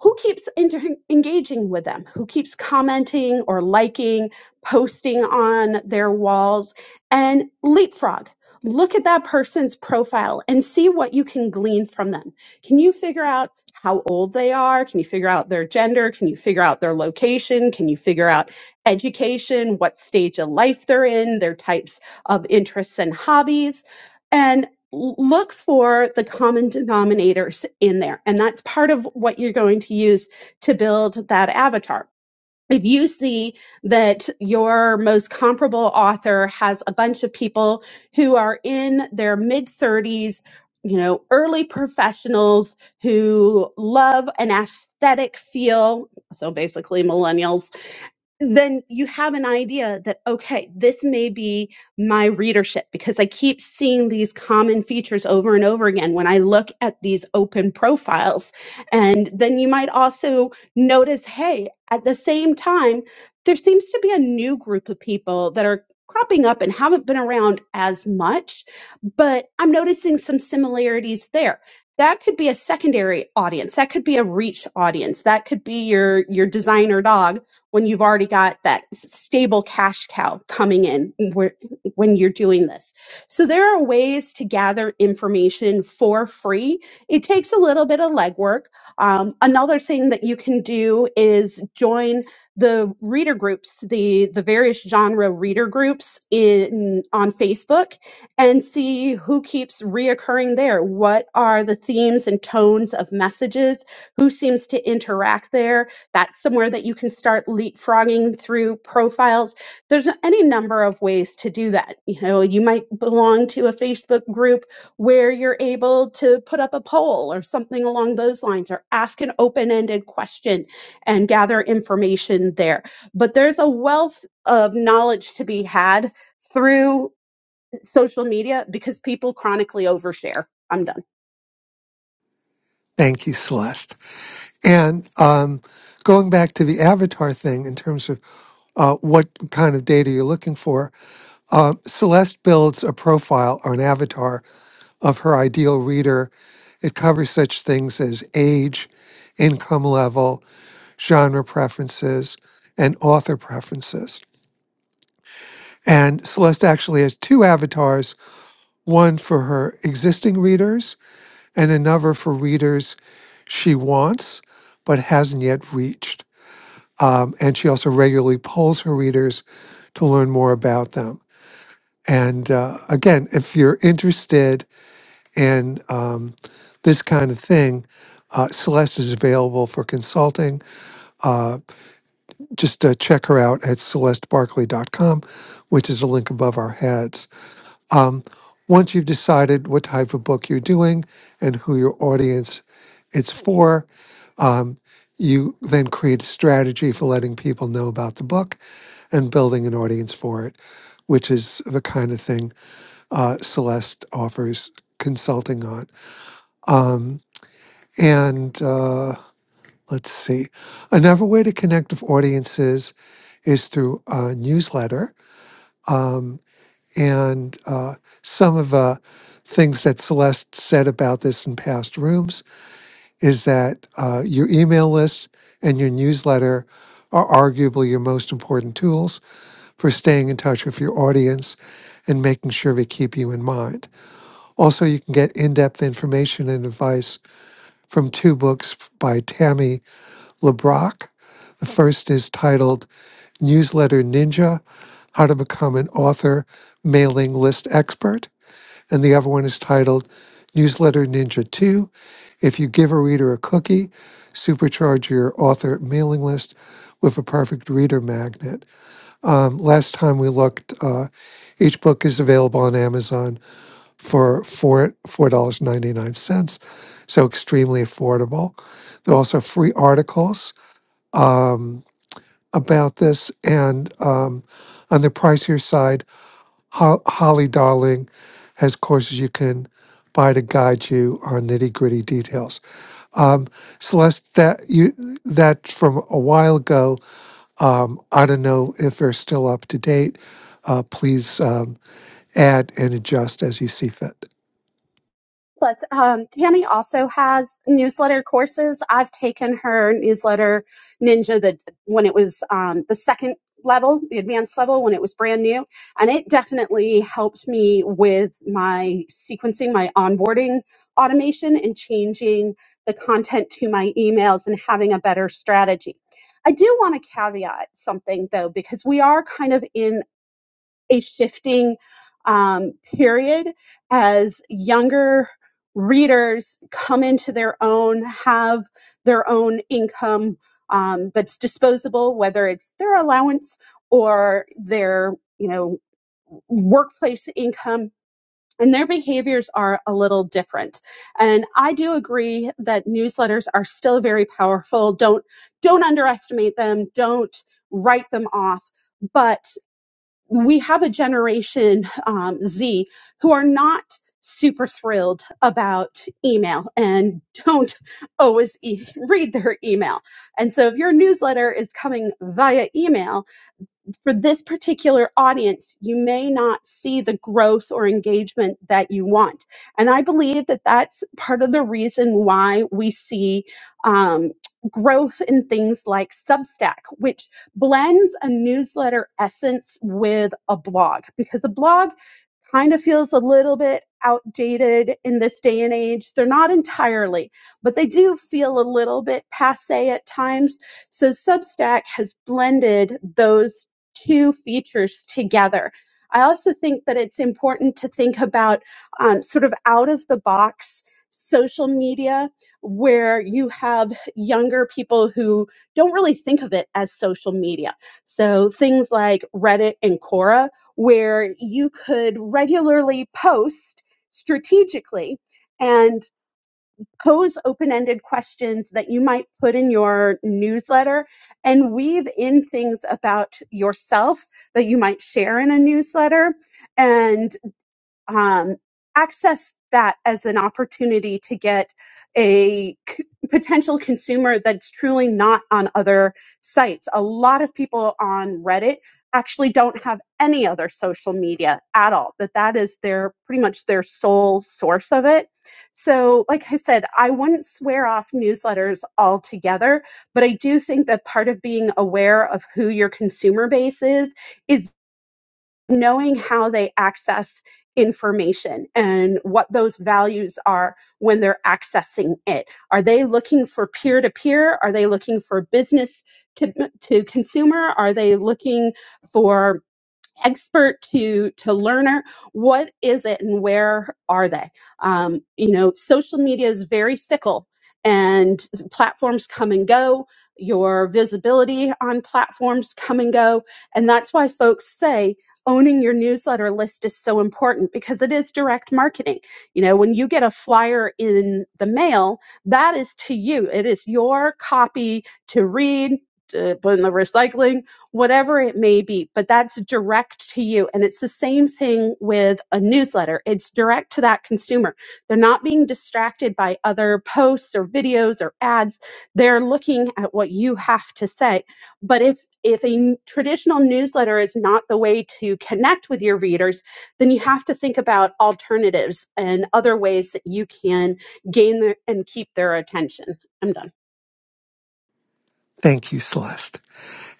S2: who keeps inter- engaging with them, who keeps commenting or liking, posting on their walls, and leapfrog. Look at that person's profile and see what you can glean from them. Can you figure out how old they are? Can you figure out their gender? Can you figure out their location? Can you figure out education, what stage of life they're in, their types of interests and hobbies? and l- look for the common denominators in there. And that's part of what you're going to use to build that avatar. If you see that your most comparable author has a bunch of people who are in their mid 30s, you know, early professionals who love an aesthetic feel, so basically millennials then you have an idea that okay this may be my readership because i keep seeing these common features over and over again when i look at these open profiles and then you might also notice hey at the same time there seems to be a new group of people that are cropping up and haven't been around as much but i'm noticing some similarities there that could be a secondary audience that could be a reach audience that could be your your designer dog when you've already got that stable cash cow coming in when you're doing this. So there are ways to gather information for free. It takes a little bit of legwork. Um, another thing that you can do is join the reader groups, the the various genre reader groups in on Facebook, and see who keeps reoccurring there. What are the themes and tones of messages? Who seems to interact there? That's somewhere that you can start leapfrogging through profiles. There's any number of ways to do that. You know, you might belong to a Facebook group where you're able to put up a poll or something along those lines or ask an open-ended question and gather information there. But there's a wealth of knowledge to be had through social media because people chronically overshare. I'm done.
S1: Thank you, Celeste. And um, going back to the avatar thing in terms of uh, what kind of data you're looking for, uh, Celeste builds a profile or an avatar of her ideal reader. It covers such things as age, income level, genre preferences, and author preferences. And Celeste actually has two avatars one for her existing readers and another for readers she wants but hasn't yet reached. Um, and she also regularly polls her readers to learn more about them. And uh, again, if you're interested in um, this kind of thing, uh, Celeste is available for consulting. Uh, just uh, check her out at celestebarkley.com, which is a link above our heads. Um, once you've decided what type of book you're doing and who your audience it's for, um, you then create a strategy for letting people know about the book and building an audience for it, which is the kind of thing uh, Celeste offers consulting on. Um, and uh, let's see, another way to connect with audiences is through a newsletter. Um, and uh, some of the things that Celeste said about this in past rooms is that uh, your email list and your newsletter are arguably your most important tools for staying in touch with your audience and making sure we keep you in mind. Also, you can get in depth information and advice from two books by Tammy LeBrock. The first is titled Newsletter Ninja How to Become an Author Mailing List Expert. And the other one is titled Newsletter Ninja 2 If You Give a Reader a Cookie, Supercharge Your Author Mailing List with a Perfect Reader Magnet. Um, last time we looked, uh, each book is available on Amazon for four four dollars ninety nine cents, so extremely affordable. There are also free articles um, about this, and um, on the pricier side, Ho- Holly Darling has courses you can buy to guide you on nitty gritty details. Um, Celeste, that you that's from a while ago um, I don't know if they're still up to date. Uh, please um, add and adjust as you see fit.
S2: Plus, um, Tammy also has newsletter courses. I've taken her newsletter ninja the when it was um, the second level, the advanced level when it was brand new, and it definitely helped me with my sequencing, my onboarding automation, and changing the content to my emails and having a better strategy. I do want to caveat something though, because we are kind of in a shifting um, period as younger readers come into their own, have their own income um, that's disposable, whether it's their allowance or their, you know, workplace income. And their behaviors are a little different. And I do agree that newsletters are still very powerful. Don't don't underestimate them. Don't write them off. But we have a generation um, Z who are not super thrilled about email and *laughs* don't always e- read their email. And so if your newsletter is coming via email, for this particular audience, you may not see the growth or engagement that you want. And I believe that that's part of the reason why we see um, growth in things like Substack, which blends a newsletter essence with a blog, because a blog kind of feels a little bit outdated in this day and age. They're not entirely, but they do feel a little bit passe at times. So Substack has blended those two features together. I also think that it's important to think about um, sort of out of the box social media where you have younger people who don't really think of it as social media. So things like Reddit and Quora, where you could regularly post strategically and pose open ended questions that you might put in your newsletter and weave in things about yourself that you might share in a newsletter. And um, access that as an opportunity to get a c- potential consumer that's truly not on other sites. A lot of people on Reddit actually don't have any other social media at all that that is their pretty much their sole source of it so like i said i wouldn't swear off newsletters altogether but i do think that part of being aware of who your consumer base is is knowing how they access information and what those values are when they're accessing it are they looking for peer to peer are they looking for business to to consumer are they looking for expert to to learner what is it and where are they um, you know social media is very fickle and platforms come and go your visibility on platforms come and go and that's why folks say owning your newsletter list is so important because it is direct marketing you know when you get a flyer in the mail that is to you it is your copy to read to put in the recycling whatever it may be, but that's direct to you. And it's the same thing with a newsletter. It's direct to that consumer. They're not being distracted by other posts or videos or ads. They're looking at what you have to say. But if if a n- traditional newsletter is not the way to connect with your readers, then you have to think about alternatives and other ways that you can gain their, and keep their attention. I'm done.
S1: Thank you, Celeste.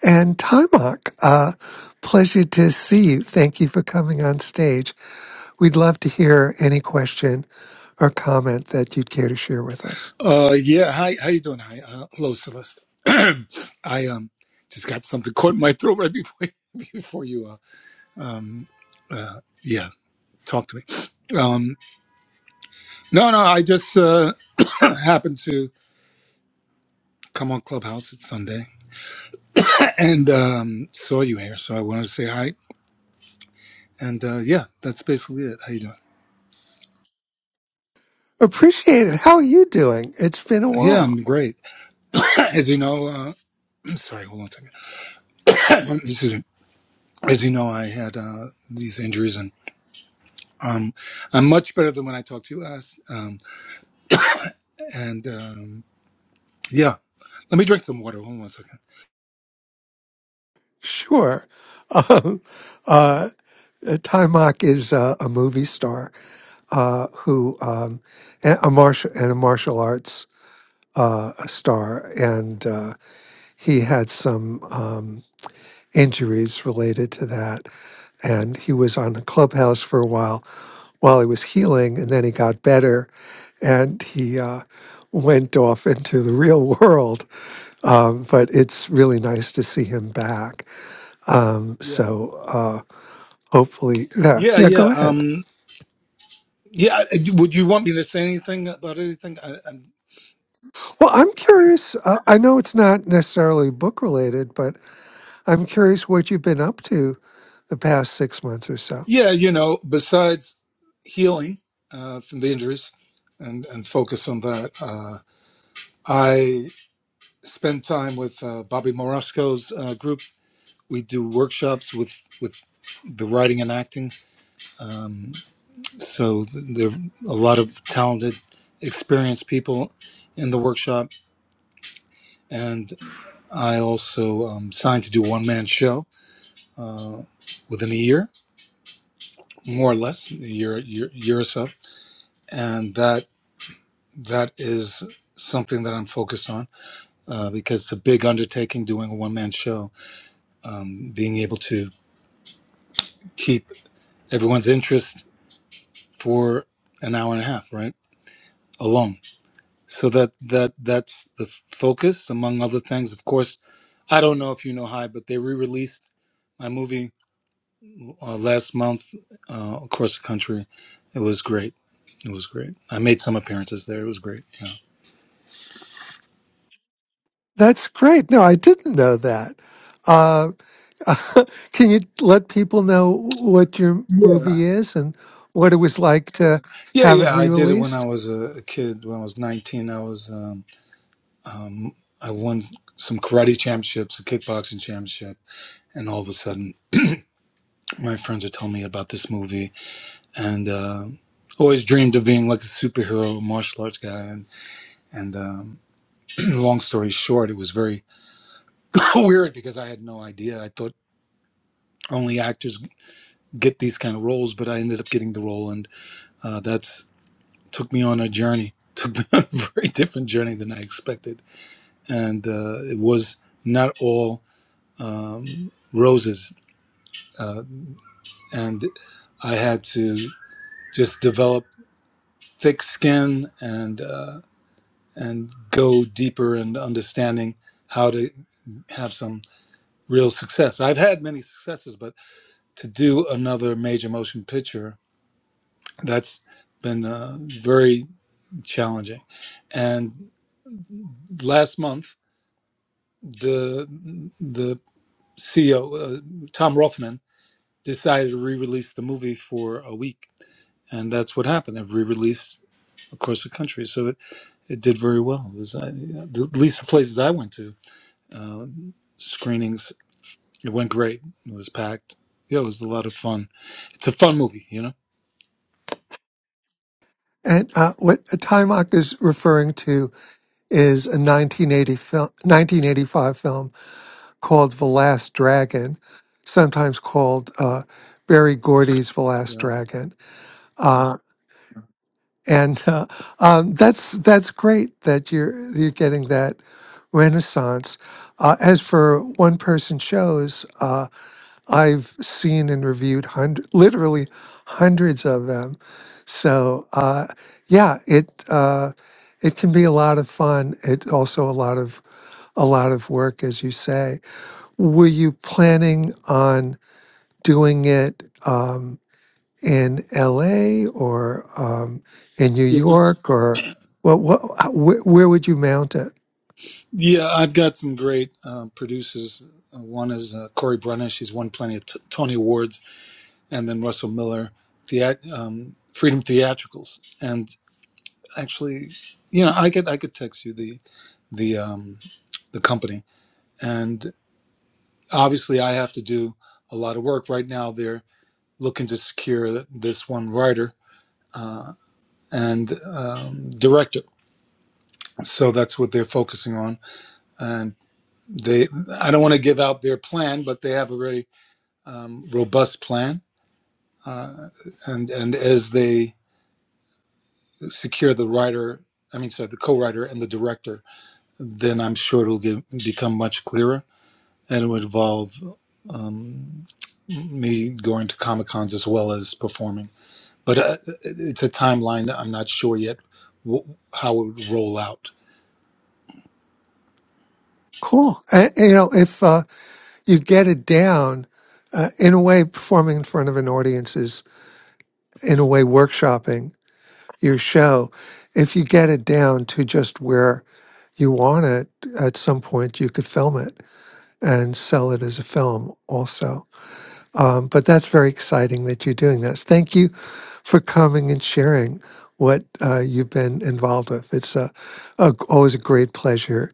S1: And Timok, uh, pleasure to see you. Thank you for coming on stage. We'd love to hear any question or comment that you'd care to share with us.
S3: Uh, yeah. Hi, how you doing? Hi, uh, hello, Celeste. *clears throat* I um just got something caught in my throat right before *laughs* before you. Uh, mm, uh yeah, talk to me. Um, no, no, I just uh *clears throat* happened to come on Clubhouse it's Sunday and um saw you here, so I wanted to say hi. And uh yeah, that's basically it. How you doing?
S1: Appreciate it. How are you doing? It's been a
S3: Yeah,
S1: while.
S3: I'm great. *clears throat* As you know, uh *clears throat* sorry, hold on a second. *clears throat* Excuse me. As you know, I had uh these injuries and um I'm much better than when I talked to you last. Um And um, yeah, let me drink some water. Hold on one second.
S1: Sure. *laughs* Um, uh, Timok is uh, a movie star uh, who um, and a martial and a martial arts uh, star, and uh, he had some. Um, injuries related to that. And he was on the clubhouse for a while while he was healing, and then he got better and he uh, went off into the real *laughs* world. Um, but it's really nice to see him back. Um,
S3: Yeah,
S1: so uh, hopefully, yeah,
S3: yeah,
S1: yeah,
S3: yeah.
S1: go ahead.
S3: Um, yeah. I- I- Would you want me to say anything about anything? I, i
S1: Well, I'm curious. Uh, I know it's not necessarily book related, but I'm curious what you've been up to the past six months or so.
S3: yeah, you know, besides healing uh, from the injuries and and focus on that. Uh, I spend time with uh, Bobby Morosco's uh, group. We do workshops with with the writing and acting. Um, so th- there are a lot of talented, experienced people in the workshop I also um, signed to do a one man show uh, within a year, more or less, a year, year, year or so, and that that is something that I'm focused on uh, because it's a big undertaking doing a one man show. Um, being able to keep everyone's interest for an hour and a half, right, alone. So that that that's the f- focus, among other things. Of course, I don't know if you know Hi, but they re released my movie uh, last month uh, across the country. It was great. It was great. I made some appearances there. It was great. Yeah,
S1: That's great. No, I didn't know that. Uh, *laughs* Can you let people know what your
S3: Yeah.
S1: movie is and what it was like to
S3: yeah,
S1: have it
S3: yeah. I did it when I
S1: re-released?
S3: was a, a kid. When I was nineteen, I was um, um, I won some karate championships, a kickboxing championship, and all of a sudden, my friends are telling me about this movie, and uh, always dreamed of being like a superhero martial arts guy. And, and um, *clears throat* long story short, it was very *laughs* weird because I had no idea. I thought only actors get these kind of roles, but I ended up getting the role, and uh, that's took me on a journey. Took me *laughs* on a very different journey than I expected, and uh, it was not all um, roses. Uh, and I had to just develop thick skin and uh, and go deeper in understanding how to have some real success. I've had many successes, but to do another major motion picture, that's been uh, very challenging. And last month, the the CEO uh, Tom Rothman decided to re-release the movie for a week, and that's what happened. It re-released across the country, so it, it did very well. It was uh, the- at least the places I went to uh, screenings. It went great. It was packed. Yeah, it was a lot of fun. It's a fun movie, you know.
S1: And uh, what Timok is referring to is a 1980 fil- 1985 film called The Last Dragon, sometimes called uh, Barry Gordy's The Last
S3: Yeah,
S1: Dragon. Uh, and uh, um, that's that's great that you're you're getting that renaissance. Uh, as for one person shows. uh, I've seen and reviewed hundred, literally hundreds of them. So uh, yeah, it uh, it can be a lot of fun. It also a lot of a lot of work, as you say. Were you planning on doing it um, in L.A. or um, in New
S3: yeah,
S1: York or what? What? Where, where would you mount it?
S3: yeah. I've got some great uh, producers. Uh, One is uh, Corey Brenner. She's won plenty of t- Tony Awards and then Russell Miller, the um, Freedom Theatricals, and actually, you know, I could I could text you the the um, the company, and obviously I have to do a lot of work right now. They're looking to secure this one writer uh, and um, director, so that's what they're focusing on. And they, I don't want to give out their plan, but they have a very um, robust plan, uh, and and as they secure the writer, I mean, sorry, the co-writer and the director, then I'm sure it'll get, become much clearer, and it would involve um, me going to comic cons as well as performing. But uh, it's a timeline. that I'm not sure yet wh- how it would roll out.
S1: Cool. And, you know, if uh, you get it down, uh, in a way, performing in front of an audience is in a way workshopping your show if you get it down to just where you want it at some point you could film it and sell it as a film also um, but that's very exciting that you're doing that thank you for coming and sharing what uh, you've been involved with it's a, a, always a great pleasure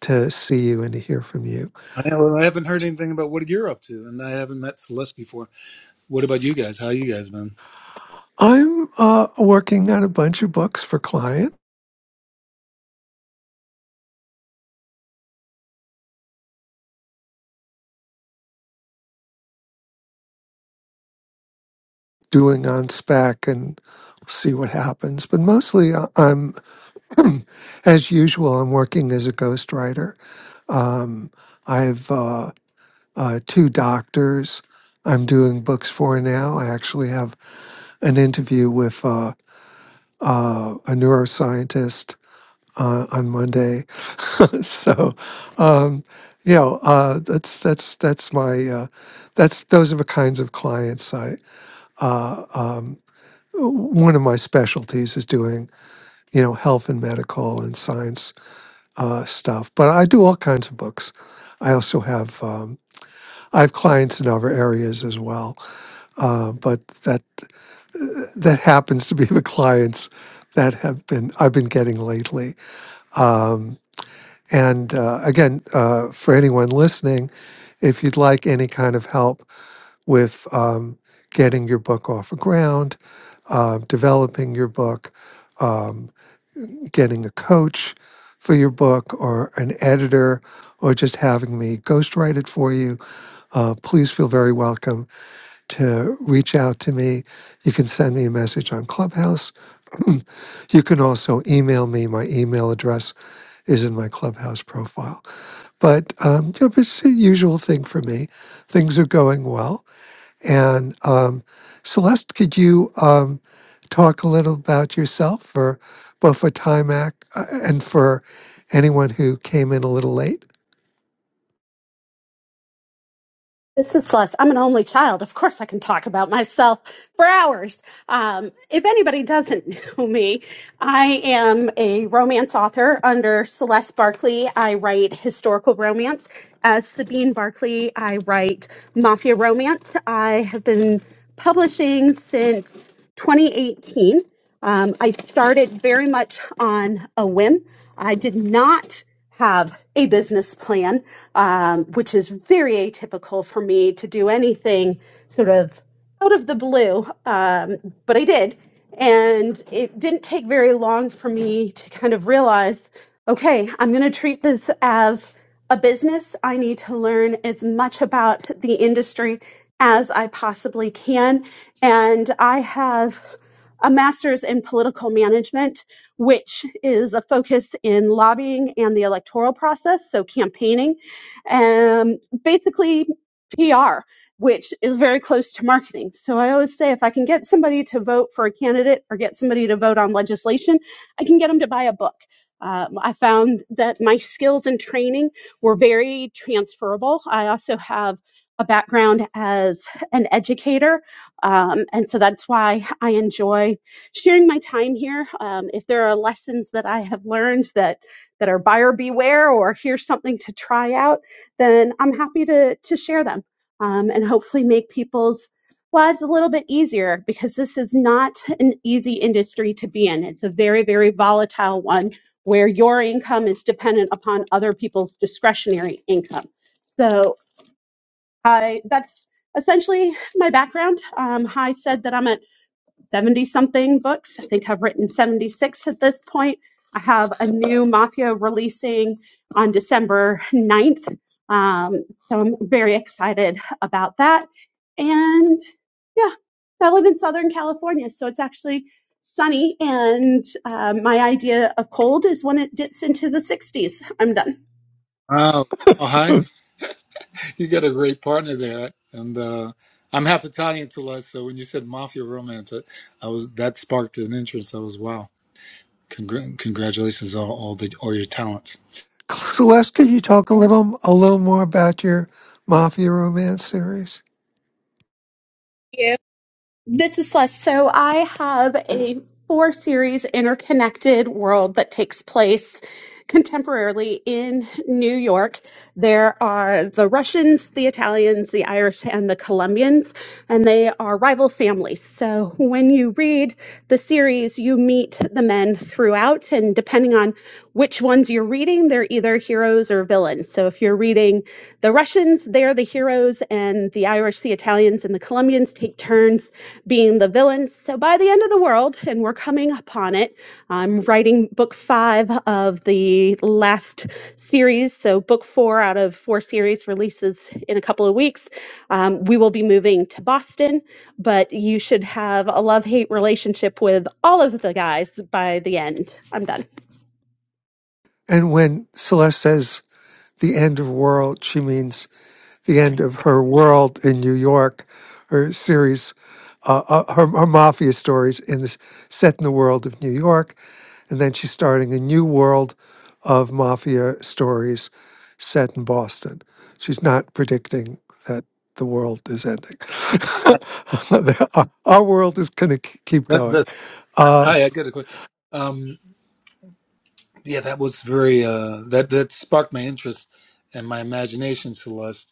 S1: to see you and to hear from you
S3: I, well, I haven't heard anything about what you're up to, and I haven't met Celeste before. What about you guys? How you guys been?
S1: i'm uh, working on a bunch of books for clients doing on spec and see what happens. But mostly, I- I'm as usual. I'm working as a ghostwriter. I have uh, uh, two doctors. I'm doing books for now. I actually have an interview with uh, uh, a neuroscientist uh, on Monday. *laughs* so, um, you know, uh, that's that's that's my uh, that's those are the kinds of clients I. One of my specialties is doing you know health and medical and science uh, stuff. But I do all kinds of books. I also have um, I have clients in other areas as well, uh, but that that happens to be the clients that have been I've been getting lately. Um, and uh, again, uh, for anyone listening, if you'd like any kind of help with um, getting your book off the ground, uh, developing your book. um, getting a coach for your book or an editor or just having me ghostwrite it for you, uh, please feel very welcome to reach out to me. You can send me a message on Clubhouse. *clears throat* you can also email me. My email address is in my Clubhouse profile. But um, you know, it's the usual thing for me. Things are going well. And um, Celeste, could you um, talk a little about yourself for both for Time uh, and for anyone who came in a little late?
S2: This is Celeste. I'm an only child. Of course, I can talk about myself for hours. Um, if anybody doesn't *laughs* know me, I am a romance author under Celeste Barkley. I write historical romance. As Sabine Barkley, I write mafia romance. I have been publishing since 2018. Um, I started very much on a whim. I did not have a business plan, um, which is very atypical for me to do anything sort of out of the blue. Um, but I did. And it didn't take very long for me to kind of realize okay, I'm going to treat this as a business. I need to learn as much about the industry as I possibly can. And I have a master's in political management which is a focus in lobbying and the electoral process, so campaigning, and basically PR, which is very close to marketing. So I always say if I can get somebody to vote for a candidate or get somebody to vote on legislation, I can get them to buy a book. Um, I found that my skills and training were very transferable. I also have a background as an educator, um, and so that's why I enjoy sharing my time here. Um, if there are lessons that I have learned that that are buyer beware or here's something to try out, then I'm happy to to share them um, and hopefully make people's lives a little bit easier because this is not an easy industry to be in. It's a very very volatile one where your income is dependent upon other people's discretionary income. So I that's essentially my background. Um, I said that I'm a 70 something books. I think I've written 76 at this point. I have a new Mafia releasing on December ninth, Um, so I'm very excited about that. And yeah, I live in Southern California, so it's actually sunny. And uh, my idea of cold is when it dips into the 60s. I'm done.
S3: Oh, oh hi. You got a great partner there, and uh, I'm half Italian, Celeste. So when you said mafia romance, I, I was that sparked an interest. I was wow. Congr- congratulations on all the all your talents.
S1: Celeste, could you talk a little a little more about your Mafia Romance series?
S2: Thank you. This is Les. So I have a four series interconnected world that takes place contemporarily in New York. There are the Russians, the Italians, the Irish, and the Colombians, and they are rival families. So when you read the series, you meet the men throughout, and depending on which ones you're reading, they're either heroes or villains. So if you're reading the Russians, they're the heroes, and the Irish, the Italians, and the Colombians take turns being the villains. So by the end of the world, and we're coming upon it, I'm writing book five of the last series. So book four out of four series releases in a couple of weeks. Um, we will be moving to Boston, but you should have a love hate relationship with all of the guys by the end. I'm done.
S1: And when Celeste says the end of world, she means the end of her world in New York, her series, uh, uh, her, her mafia stories in this set in the world of New York. And then she's starting a new world of mafia stories set in Boston. She's not predicting that the world is ending. *laughs* our, our world is going to keep
S3: That,
S1: going.
S3: that
S1: Uh,
S3: hi, I got a question. Um, yeah, that was very uh, that that sparked my interest and my imagination, Celeste.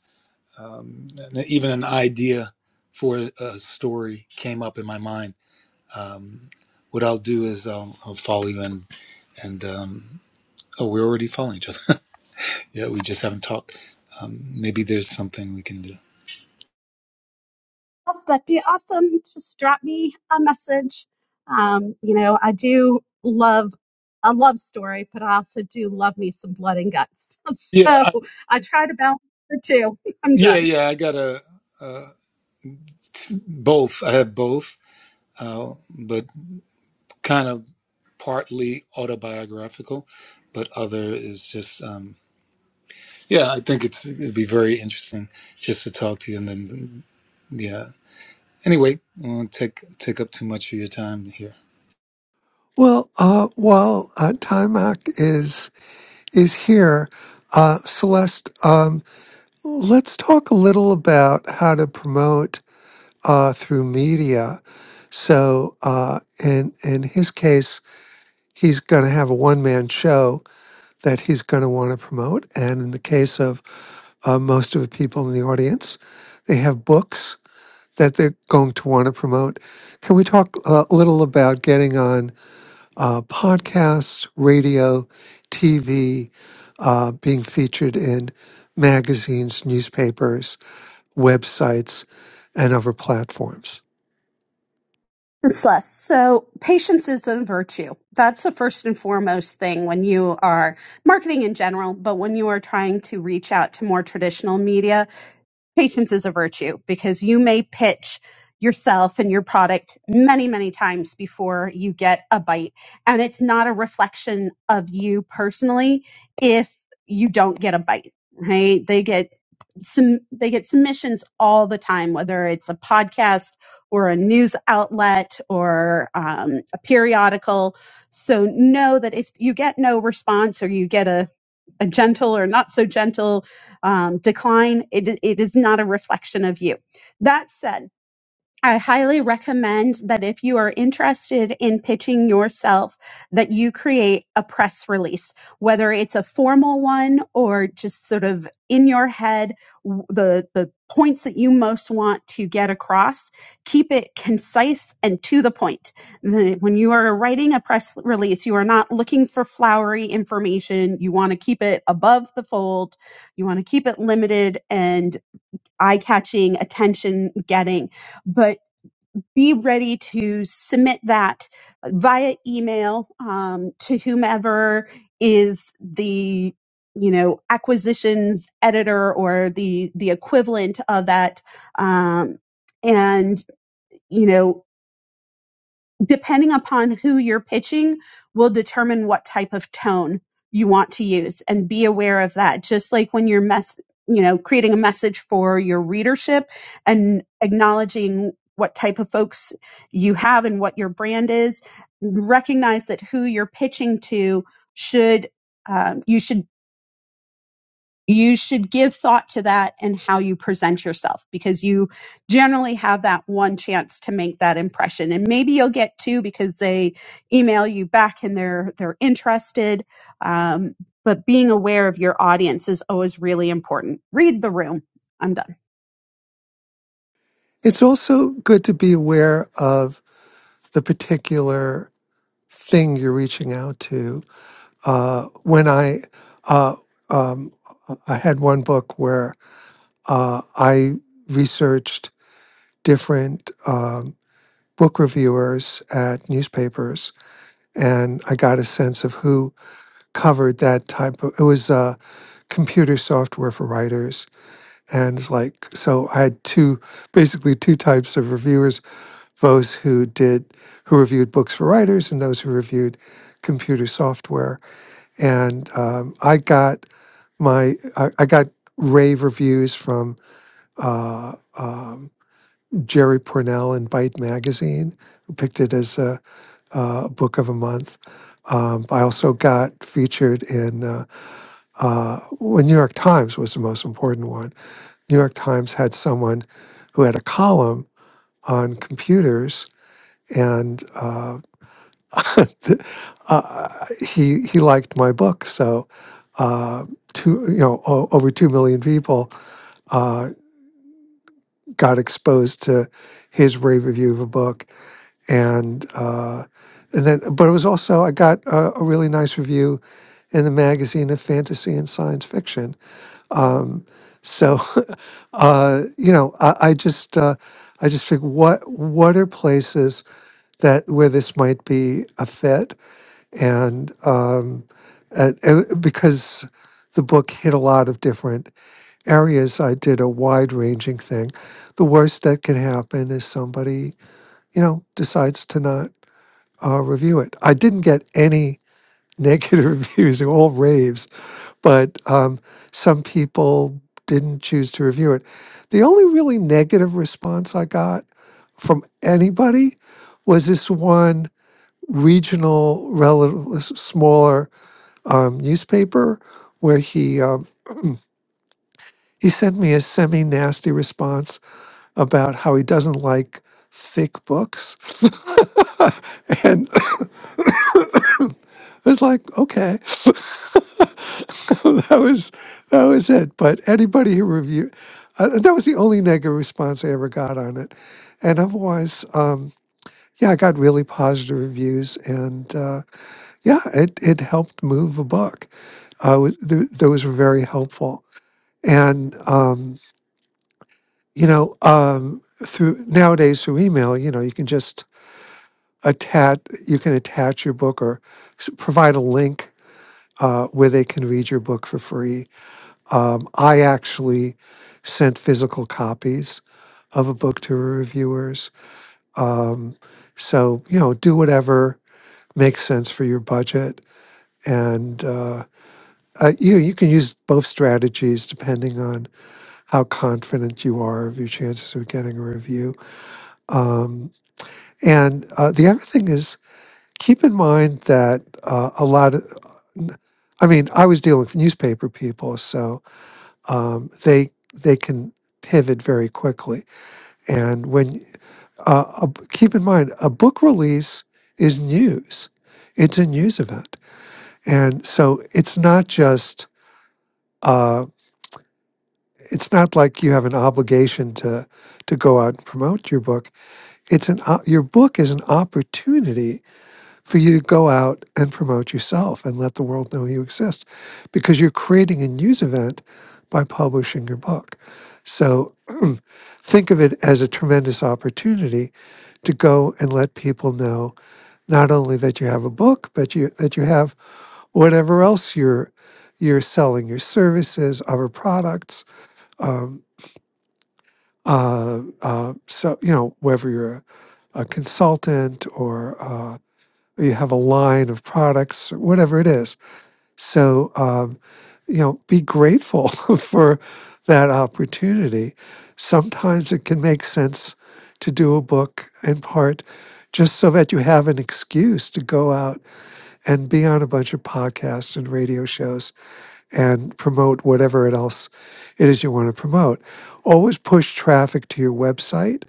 S3: Um, and even an idea for a story came up in my mind. Um, what I'll do is I'll, I'll follow you and and um, oh, we're already following each other. Yeah, we just haven't talked. Um, maybe there's something we can do.
S2: that'd be awesome. Just drop me a message. Um, you know, I do love a love story, but I also do love me some blood and guts. *laughs*
S3: Yeah,
S2: So
S3: I,
S2: I try to balance the two. *laughs* I'm
S3: yeah,
S2: done.
S3: yeah. I got a uh, both. I have both, uh, but kind of partly autobiographical, but other is just um, yeah. I think it's it'd be very interesting just to talk to you, and then yeah. Anyway, I won't take take up too much of your time here.
S1: *laughs* well, uh, while uh, Time Out is is here. Uh, Celeste, um, let's talk a little about how to promote uh, through media. So, uh, in in his case, he's going to have a one man show that he's going to want to promote, and in the case of uh, most of the people in the audience, they have books that they're going to want to promote. Can we talk uh, a little about getting on? uh, podcasts, radio, TV, uh, being featured in magazines, newspapers, websites, and other platforms.
S2: This list. So patience is a virtue. That's the first and foremost thing when you are marketing in general, but when you are trying to reach out to more traditional media patience is a virtue because you may pitch yourself and your product many, many times before you get a bite. And it's not a reflection of you personally if you don't get a bite, right? They get some they get submissions all the time whether it's a podcast or a news outlet or um, a periodical so know that if you get no response or you get a a gentle or not so gentle um, decline, it, it is not a reflection of you. That said, I highly recommend that if you are interested in pitching yourself, that you create a press release, whether it's a formal one or just sort of in your head, w- the, the points that you most want to get across. Keep it concise and to the point. The- when you are writing a press release, you are not looking for flowery information. You want to keep it above the fold. You want to keep it limited and eye catching, attention getting. But be ready to submit that via email um, to whomever is the you know acquisitions editor or the the equivalent of that um, and you know depending upon who you're pitching will determine what type of tone you want to use and be aware of that just like when you're mess you know creating a message for your readership and acknowledging what type of folks you have and what your brand is recognize that who you're pitching to should um, you should you should give thought to that and how you present yourself because you generally have that one chance to make that impression and maybe you'll get two because they email you back and they're they're interested um, but being aware of your audience is always really important read the room i'm done
S1: It's also good to be aware of the particular thing you're reaching out to. Uh, when I uh, um, I had one book where uh, I researched different um, book reviewers at newspapers and I got a sense of who covered that type of. It was uh, computer software for writers, and it's like so. I had two, basically two types of reviewers: those who did, who reviewed books for writers, and those who reviewed computer software. And um, I got my, I, I got rave reviews from uh, um, Jerry Pornell in Byte magazine, who picked it as a uh, book of a month. Um, I also got featured in uh, uh, well, New York Times was the most important one. New York Times had someone who had a column on computers, and uh, *laughs* uh, he he liked my book. So uh, two you know o- over two million people uh, got exposed to his rave review of a book and uh, and then but it was also I got a, a really nice review in the magazine of fantasy and science fiction. Um, so *laughs* uh, you know I, I just uh, I just think what what are places that where this might be a fit and um, and, and because the book hit a lot of different areas I did a wide ranging thing. The worst that can happen is somebody you know decides to not uh, review it. I didn't get any negative *laughs* reviews, they were all raves, but um, some people didn't choose to review it. The only really negative response I got from anybody was this one regional, relative, smaller um, newspaper where he um, he sent me a semi nasty response about how he doesn't like thick books, *laughs* and *laughs* I was like, okay. *laughs* *laughs* that was that was it. But anybody who reviewed uh, that was the only negative response I ever got on it, and otherwise, um, yeah, I got really positive reviews, and uh, yeah, it it helped move a book. Uh, wa- th- those were very helpful, and um, you know, um, through nowadays through email, you know, you can just attach you can attach your book or s- provide a link uh, where they can read your book for free Um, I actually sent physical copies of a book to reviewers. Um, so you know, do whatever makes sense for your budget, and uh, uh, you you can use both strategies depending on how confident you are of your chances of getting a review. Um, and uh, the other thing is keep in mind that uh, a lot of, I mean, I was dealing with newspaper people, so um, they they can pivot very quickly. And when uh, a, keep in mind, a book release is news; it's a news event, and so it's not just uh, it's not like you have an obligation to to go out and promote your book. It's an o- your book is an opportunity for you to go out and promote yourself and let the world know you exist because you're creating a news event by publishing your book. So *clears throat* think of it as a tremendous opportunity to go and let people know not only that you have a book, but you that you have whatever else you're you're selling, your services, other products. Um, uh, uh, so you know whether you're a, a consultant or uh, you have a line of products, whatever it is. So, um, you know, be grateful *laughs* for that opportunity. Sometimes it can make sense to do a book in part just so that you have an excuse to go out and be on a bunch of podcasts and radio shows and promote whatever it else it is you want to promote. Always push traffic to your website.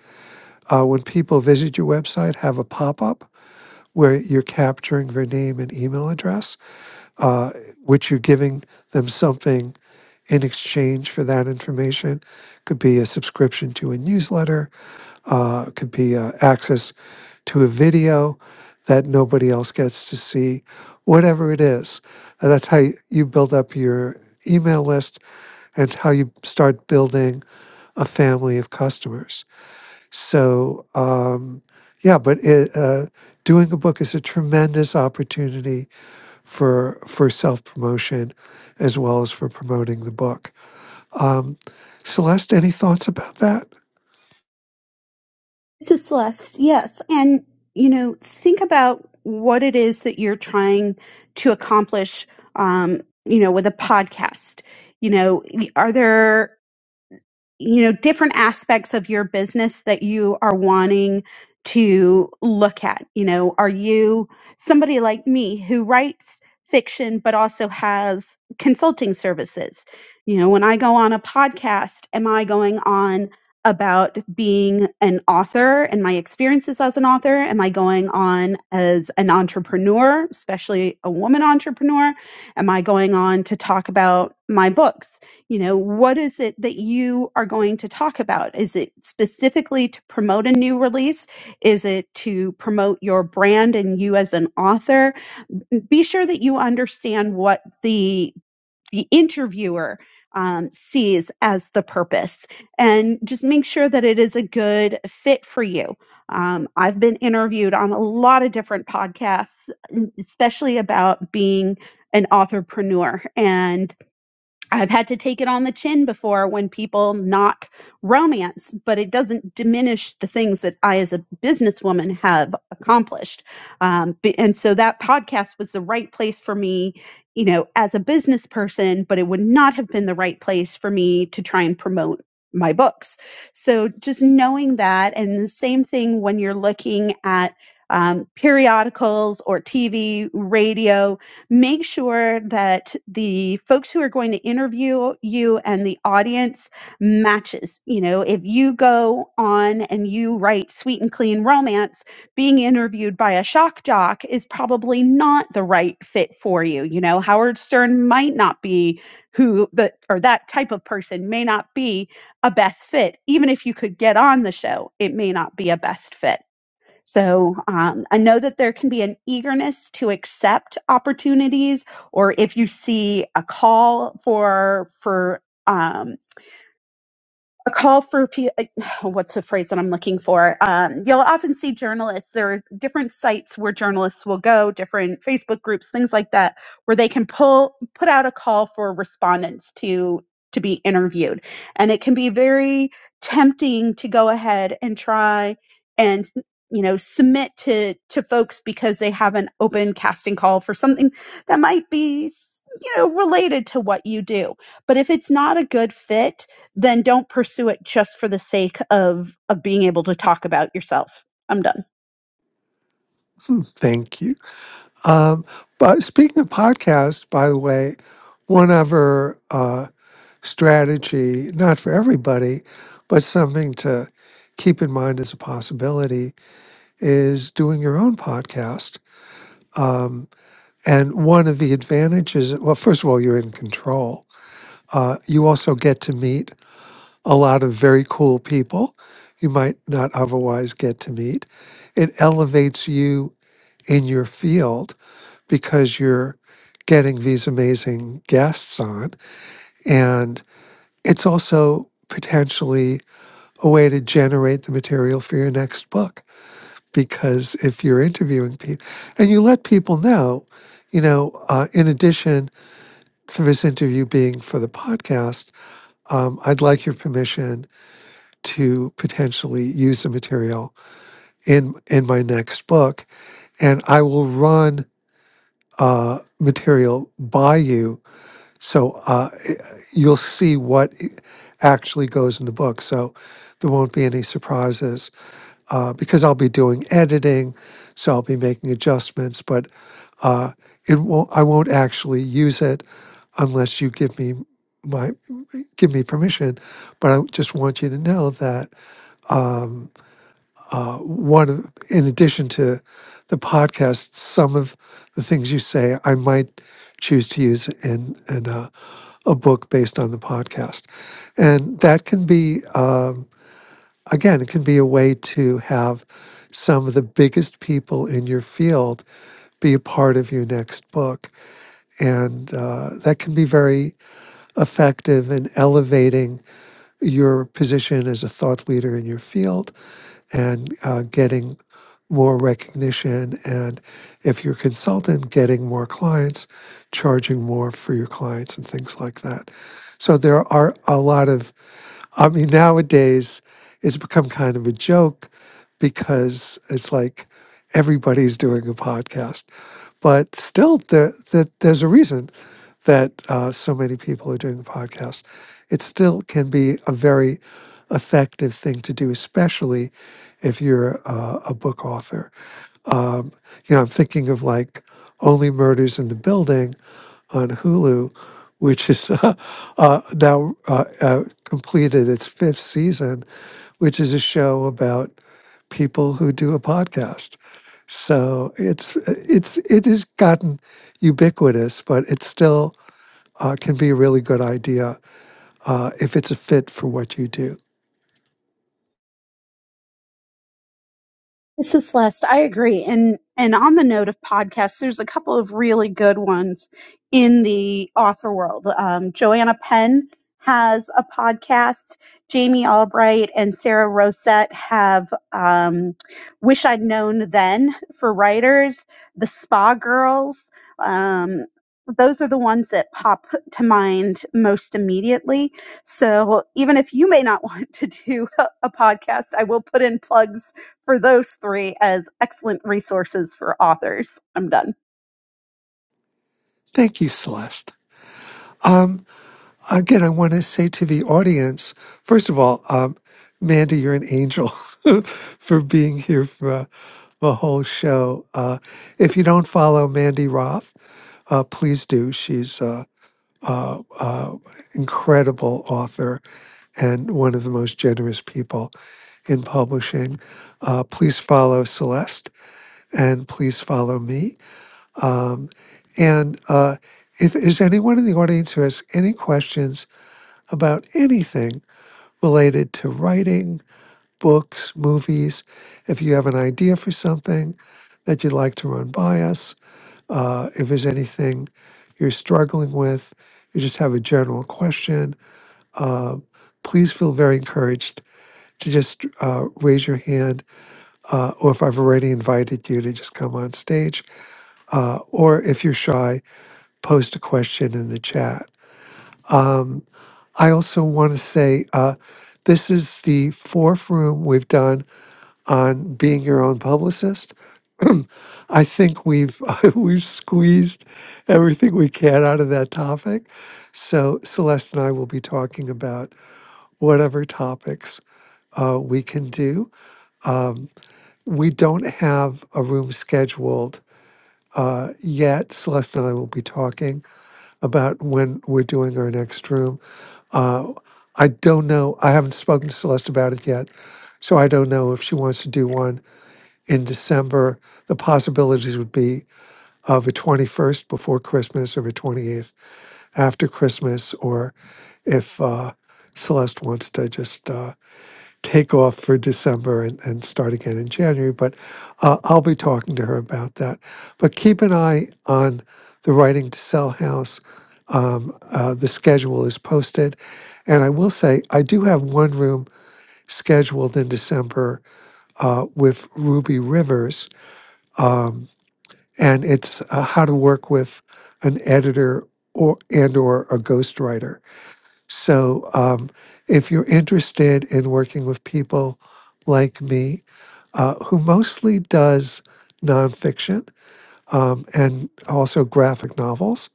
S1: Uh, when people visit your website, have a pop up where you're capturing their name and email address, uh, which you're giving them something in exchange for that information. Could be a subscription to a newsletter, uh, could be uh, access to a video that nobody else gets to see, whatever it is. Uh, that's how y- you build up your email list and how you start building a family of customers. So, um, yeah, but it, uh, doing a book is a tremendous opportunity for for self promotion, as well as for promoting the book. Um, Celeste, any thoughts about that?
S2: This is Celeste. Yes. And, you know, think about what it is that you're trying to accomplish, um, you know, with a podcast. You know, are there you know different aspects of your business that you are wanting to look at you know are you somebody like me who writes fiction but also has consulting services you know when i go on a podcast am i going on about being an author and my experiences as an author am i going on as an entrepreneur especially a woman entrepreneur am i going on to talk about my books you know what is it that you are going to talk about is it specifically to promote a new release is it to promote your brand and you as an author be sure that you understand what the the interviewer um, sees as the purpose and just make sure that it is a good fit for you um, i've been interviewed on a lot of different podcasts especially about being an authorpreneur and I've had to take it on the chin before when people knock romance, but it doesn't diminish the things that I, as a businesswoman, have accomplished. Um, b- and so that podcast was the right place for me, you know, as a business person, but it would not have been the right place for me to try and promote my books. So just knowing that, and the same thing when you're looking at um, periodicals or TV, radio, Make sure that the folks who are going to interview you and the audience matches. You know, if you go on and you write sweet and clean romance, being interviewed by a shock jock is probably not the right fit for you. You know, Howard Stern might not be who the or that type of person may not be a best fit. Even if you could get on the show, it may not be a best fit so um, I know that there can be an eagerness to accept opportunities, or if you see a call for for. um, a call for pe- *sighs* what's the phrase that I'm looking for? Um, you'll often see journalists. There are different sites where journalists will go, different Facebook groups, things like that, where they can pull put out a call for respondents to to be interviewed, and it can be very tempting to go ahead and try and you know submit to to folks because they have an open casting call for something that might be you know related to what you do but if it's not a good fit then don't pursue it just for the sake of of being able to talk about yourself. I'm done.
S1: Hmm, Thank you. Um, but speaking of podcasts, by the way, one other uh, strategy, not for everybody, but something to keep in mind as a possibility, is doing your own podcast. Um, And one of the advantages, well, first of all, you're in control. Uh, you also get to meet a lot of very cool people you might not otherwise get to meet. It elevates you in your field because you're getting these amazing guests on. And it's also potentially a way to generate the material for your next book because if you're interviewing people and you let people know, you know, uh, in addition, for this interview being for the podcast, um, I'd like your permission to potentially use the material in in my next book, and I will run uh, material by you, so uh, you'll see what actually goes in the book. So there won't be any surprises uh, because I'll be doing editing, so I'll be making adjustments, but uh, it won't. I won't actually use it unless you give me my give me permission, but I just want you to know that um, uh, one, of- in addition to the podcast, some of the things you say I might choose to use in in a, a book based on the podcast, and that can be um, again, it can be a way to have some of the biggest people in your field be a part of your next book. And uh, that can be very effective in elevating your position as a thought leader in your field and uh, getting more recognition. And if you're a consultant, getting more clients, charging more for your clients, and things like that. So there are a lot of I mean, nowadays it's become kind of a joke because it's like everybody's doing a podcast, but still, there, that there's a reason that uh, so many people are doing a podcast. It still can be a very effective thing to do, especially if you're uh, a book author. Um, you know, I'm thinking of like Only Murders in the Building on Hulu, which is *laughs* uh, uh, now uh, uh, completed its fifth season, which is a show about people who do a podcast. So it's it's it has gotten ubiquitous, but it still uh, can be a really good idea uh, if it's a fit for what you do.
S2: This is Celeste. I agree. And and on the note of podcasts, there's a couple of really good ones in the author world. Um, Joanna Penn has a podcast. Jamie Albright and Sarah Rosette have um, Wish I'd Known Then for writers. The Spa Girls. Um, those are the ones that pop to mind most immediately. So even if you may not *laughs* want to do a, a podcast, I will put in plugs for those three as excellent resources for authors. I'm done.
S1: Thank you, Celeste. Um, again, I want to say to the audience, first of all, um, Mandy, you're an angel *laughs* for being here for uh, the whole show. Uh, if you don't follow Mandy Roth, uh, please do. She's an uh, uh, uh, incredible author and one of the most generous people in publishing. Uh, please follow Celeste and please follow me. Um, and uh, if is anyone in the audience who has any questions, about anything related to writing, books, movies. If you have an idea for something that you'd like to run by us, uh, if there's anything you're struggling with, you just have a general question, uh, please feel very encouraged to just uh, raise your hand, uh, or if I've already invited you to just come on stage, uh, or if you're shy, post a question in the chat. Um, I also want to say uh, this is the fourth room we've done on being your own publicist. I think we've *laughs* we've squeezed everything we can out of that topic. So Celeste and I will be talking about whatever topics uh, we can do. Um, we don't have a room scheduled uh, yet. Celeste and I will be talking about when we're doing our next room Uh, I don't know. I haven't spoken to Celeste about it yet. So I don't know if she wants to do one in December. The possibilities would be of a 21st before Christmas or a 28th after Christmas, or if uh, Celeste wants to just. uh, take off for December and, and start again in January. But uh, I'll be talking to her about that. But keep an eye on the Writing to Sell House. Um, uh, the schedule is posted. And I will say, I do have one room scheduled in December uh, with Ruby Rivers. Um, and it's uh, how to work with an editor or and or a ghostwriter so um, if you're interested in working with people like me, uh, who mostly does nonfiction um, and also graphic novels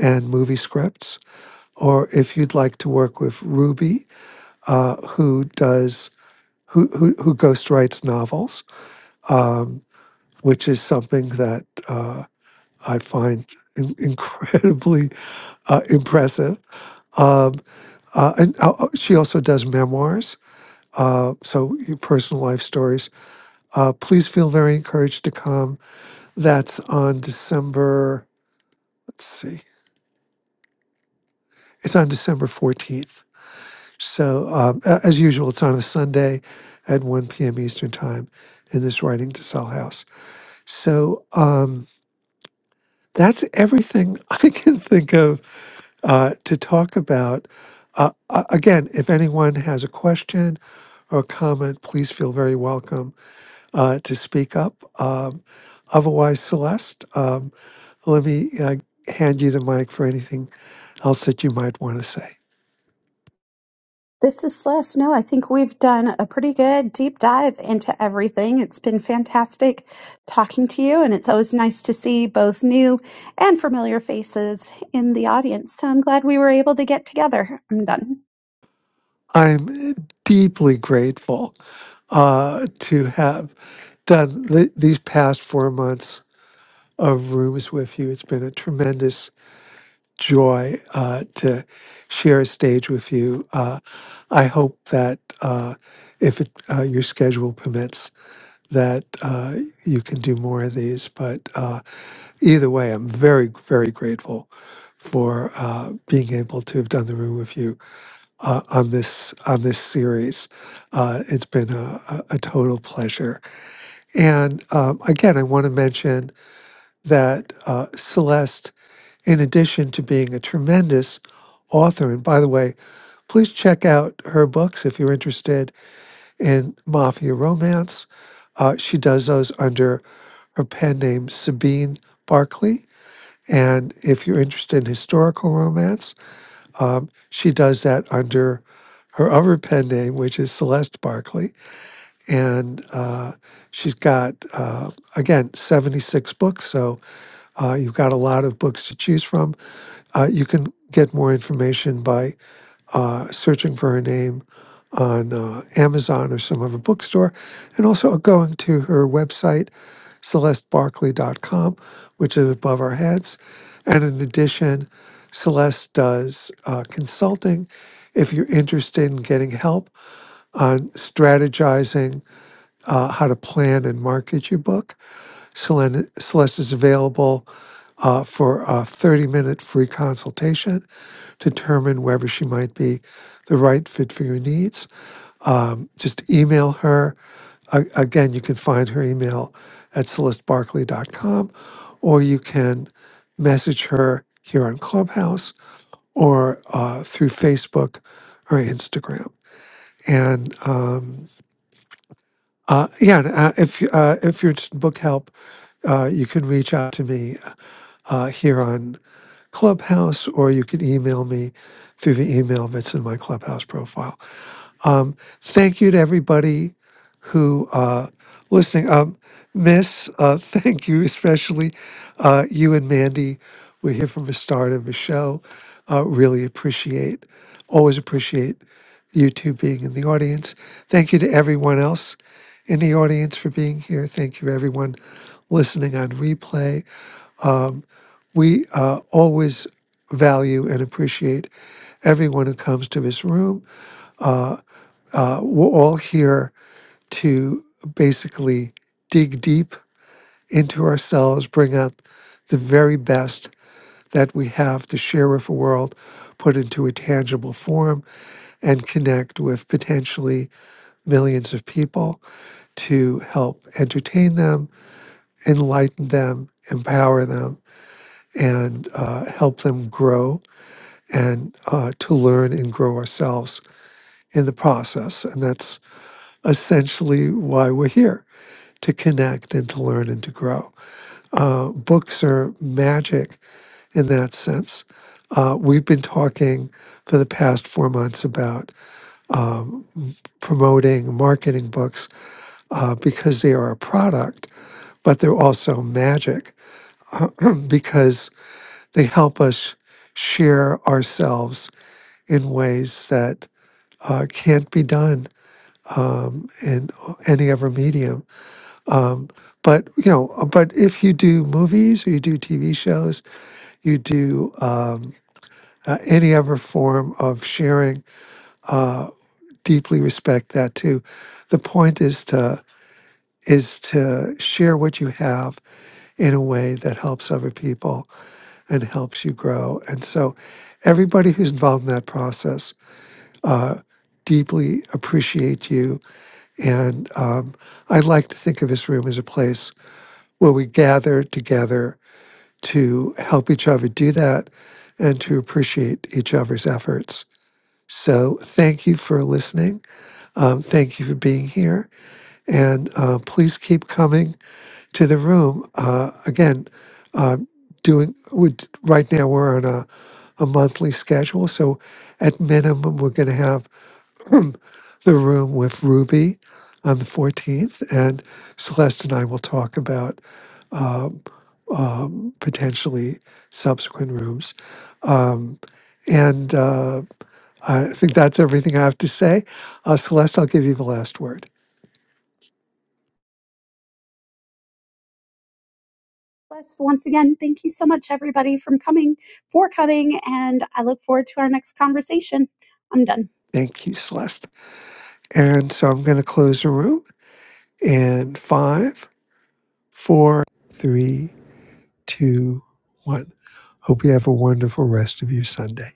S1: and movie scripts, or if you'd like to work with Ruby, uh, who does who who, who ghostwrites novels, um, which is something that uh, I find in- *laughs* incredibly uh, impressive. Um, uh, and uh, uh, she also does memoirs uh, so your personal life stories. Uh, please feel very encouraged to come. That's on December, let's see, it's on December 14th. So, um, a- as usual, it's on a Sunday at 1 p.m. Eastern Time in this Writing to Sell house. So, um, that's everything *laughs* I can think of uh, to talk about. Uh, a- again, if anyone has a question or comment, please feel very welcome uh, to speak up. Um, otherwise, Celeste, um, let me uh, hand you the mic for anything else that you might want to say.
S2: This is Celeste. No, I think we've done a pretty good deep dive into everything. It's been fantastic talking to you, and it's always nice to see both new and familiar faces in the audience. So I'm glad we were able to get together. I'm done.
S1: I'm deeply grateful uh, to have done th- these past four months of rooms with you. It's been a tremendous joy uh, to share a stage with you. Uh, I hope that uh, if it, uh, your schedule permits, that uh, you can do more of these. But uh, either way, I'm very, very grateful for uh, being able to have done the room with you uh, on this on this series. Uh, it's been a, a, a total pleasure. And um, again, I want to mention that uh, Celeste, in addition to being a tremendous author, and by the way, please check out her books if you're interested in mafia romance. Uh, she does those under her pen name Sabine Barkley and if you're interested in historical romance, um, she does that under her other pen name, which is Celeste Barkley. And uh, she's got, uh, again, 76 books. So uh, you've got a lot of books to choose from. Uh, you can get more information by uh, searching for her name on uh, Amazon or some other bookstore, and also going to her website, celestebarkley.com, which is above our heads. And in addition, Celeste does uh, consulting. If you're interested in getting help on strategizing uh, how to plan and market your book, Celen- Celeste is available uh, for a 30 minute free consultation to determine whether she might be the right fit for your needs. Um, just email her. A- again, you can find her email at celestebarkley.com or you can message her here on Clubhouse or uh, through Facebook or Instagram. And um, uh, yeah, and, uh, if, you- uh, if you're interested in book help, uh, you can reach out to me uh, here on Clubhouse, or you can email me through the email that's in my Clubhouse profile. Thank you to everybody who uh, listening. Um, Miss, uh, *laughs* thank you especially uh, you and Mandy. We're here from the start of the show. Uh, really appreciate, always appreciate you two being in the audience. Thank you to everyone else in the audience for being here. Thank you, everyone listening on replay we uh, always value and appreciate everyone who comes to this room. Uh, we're all here to basically dig deep into ourselves, bring out the very best that we have to share with the world, put into a tangible form, and connect with potentially millions of people to help entertain them, enlighten them, empower them, and uh, help them grow and uh, to learn and grow ourselves in the process. And that's essentially why we're here to connect and to learn and to grow. Uh, books are magic in that sense. Uh, we've been talking for the past four months about promoting marketing books uh, because they are a product, but they're also magic *clears throat* because they help us share ourselves in ways that uh, can't be done um, in any other medium. But you know, uh, but if you do movies or you do TV shows, you do um, uh, any other form of sharing, uh, deeply respect that too. The point is to is to share what you have in a way that helps other people and helps you grow. And so, everybody who's involved in that process. Uh, Deeply appreciate you, and um, I like to think of this room as a place where we gather together to help each other do that and to appreciate each other's efforts. So, thank you for listening. Um, thank you for being here. And uh, please keep coming to the room. Uh, again, uh, doing would right now we're on a, a monthly schedule. So, at minimum, we're going to have *clears throat* the room with Ruby on the 14th, and Celeste and I will talk about um, um, potentially subsequent rooms. Um, and uh, I think that's everything I have to say. Uh, Celeste, I'll give you the last word.
S2: Blessed once again. Thank you so much, everybody, from coming for coming, and I look forward to our next conversation. I'm done.
S1: Thank you, Celeste. And so I'm going to close the room in five, four, three, two, one. Hope you have a wonderful rest of your Sunday.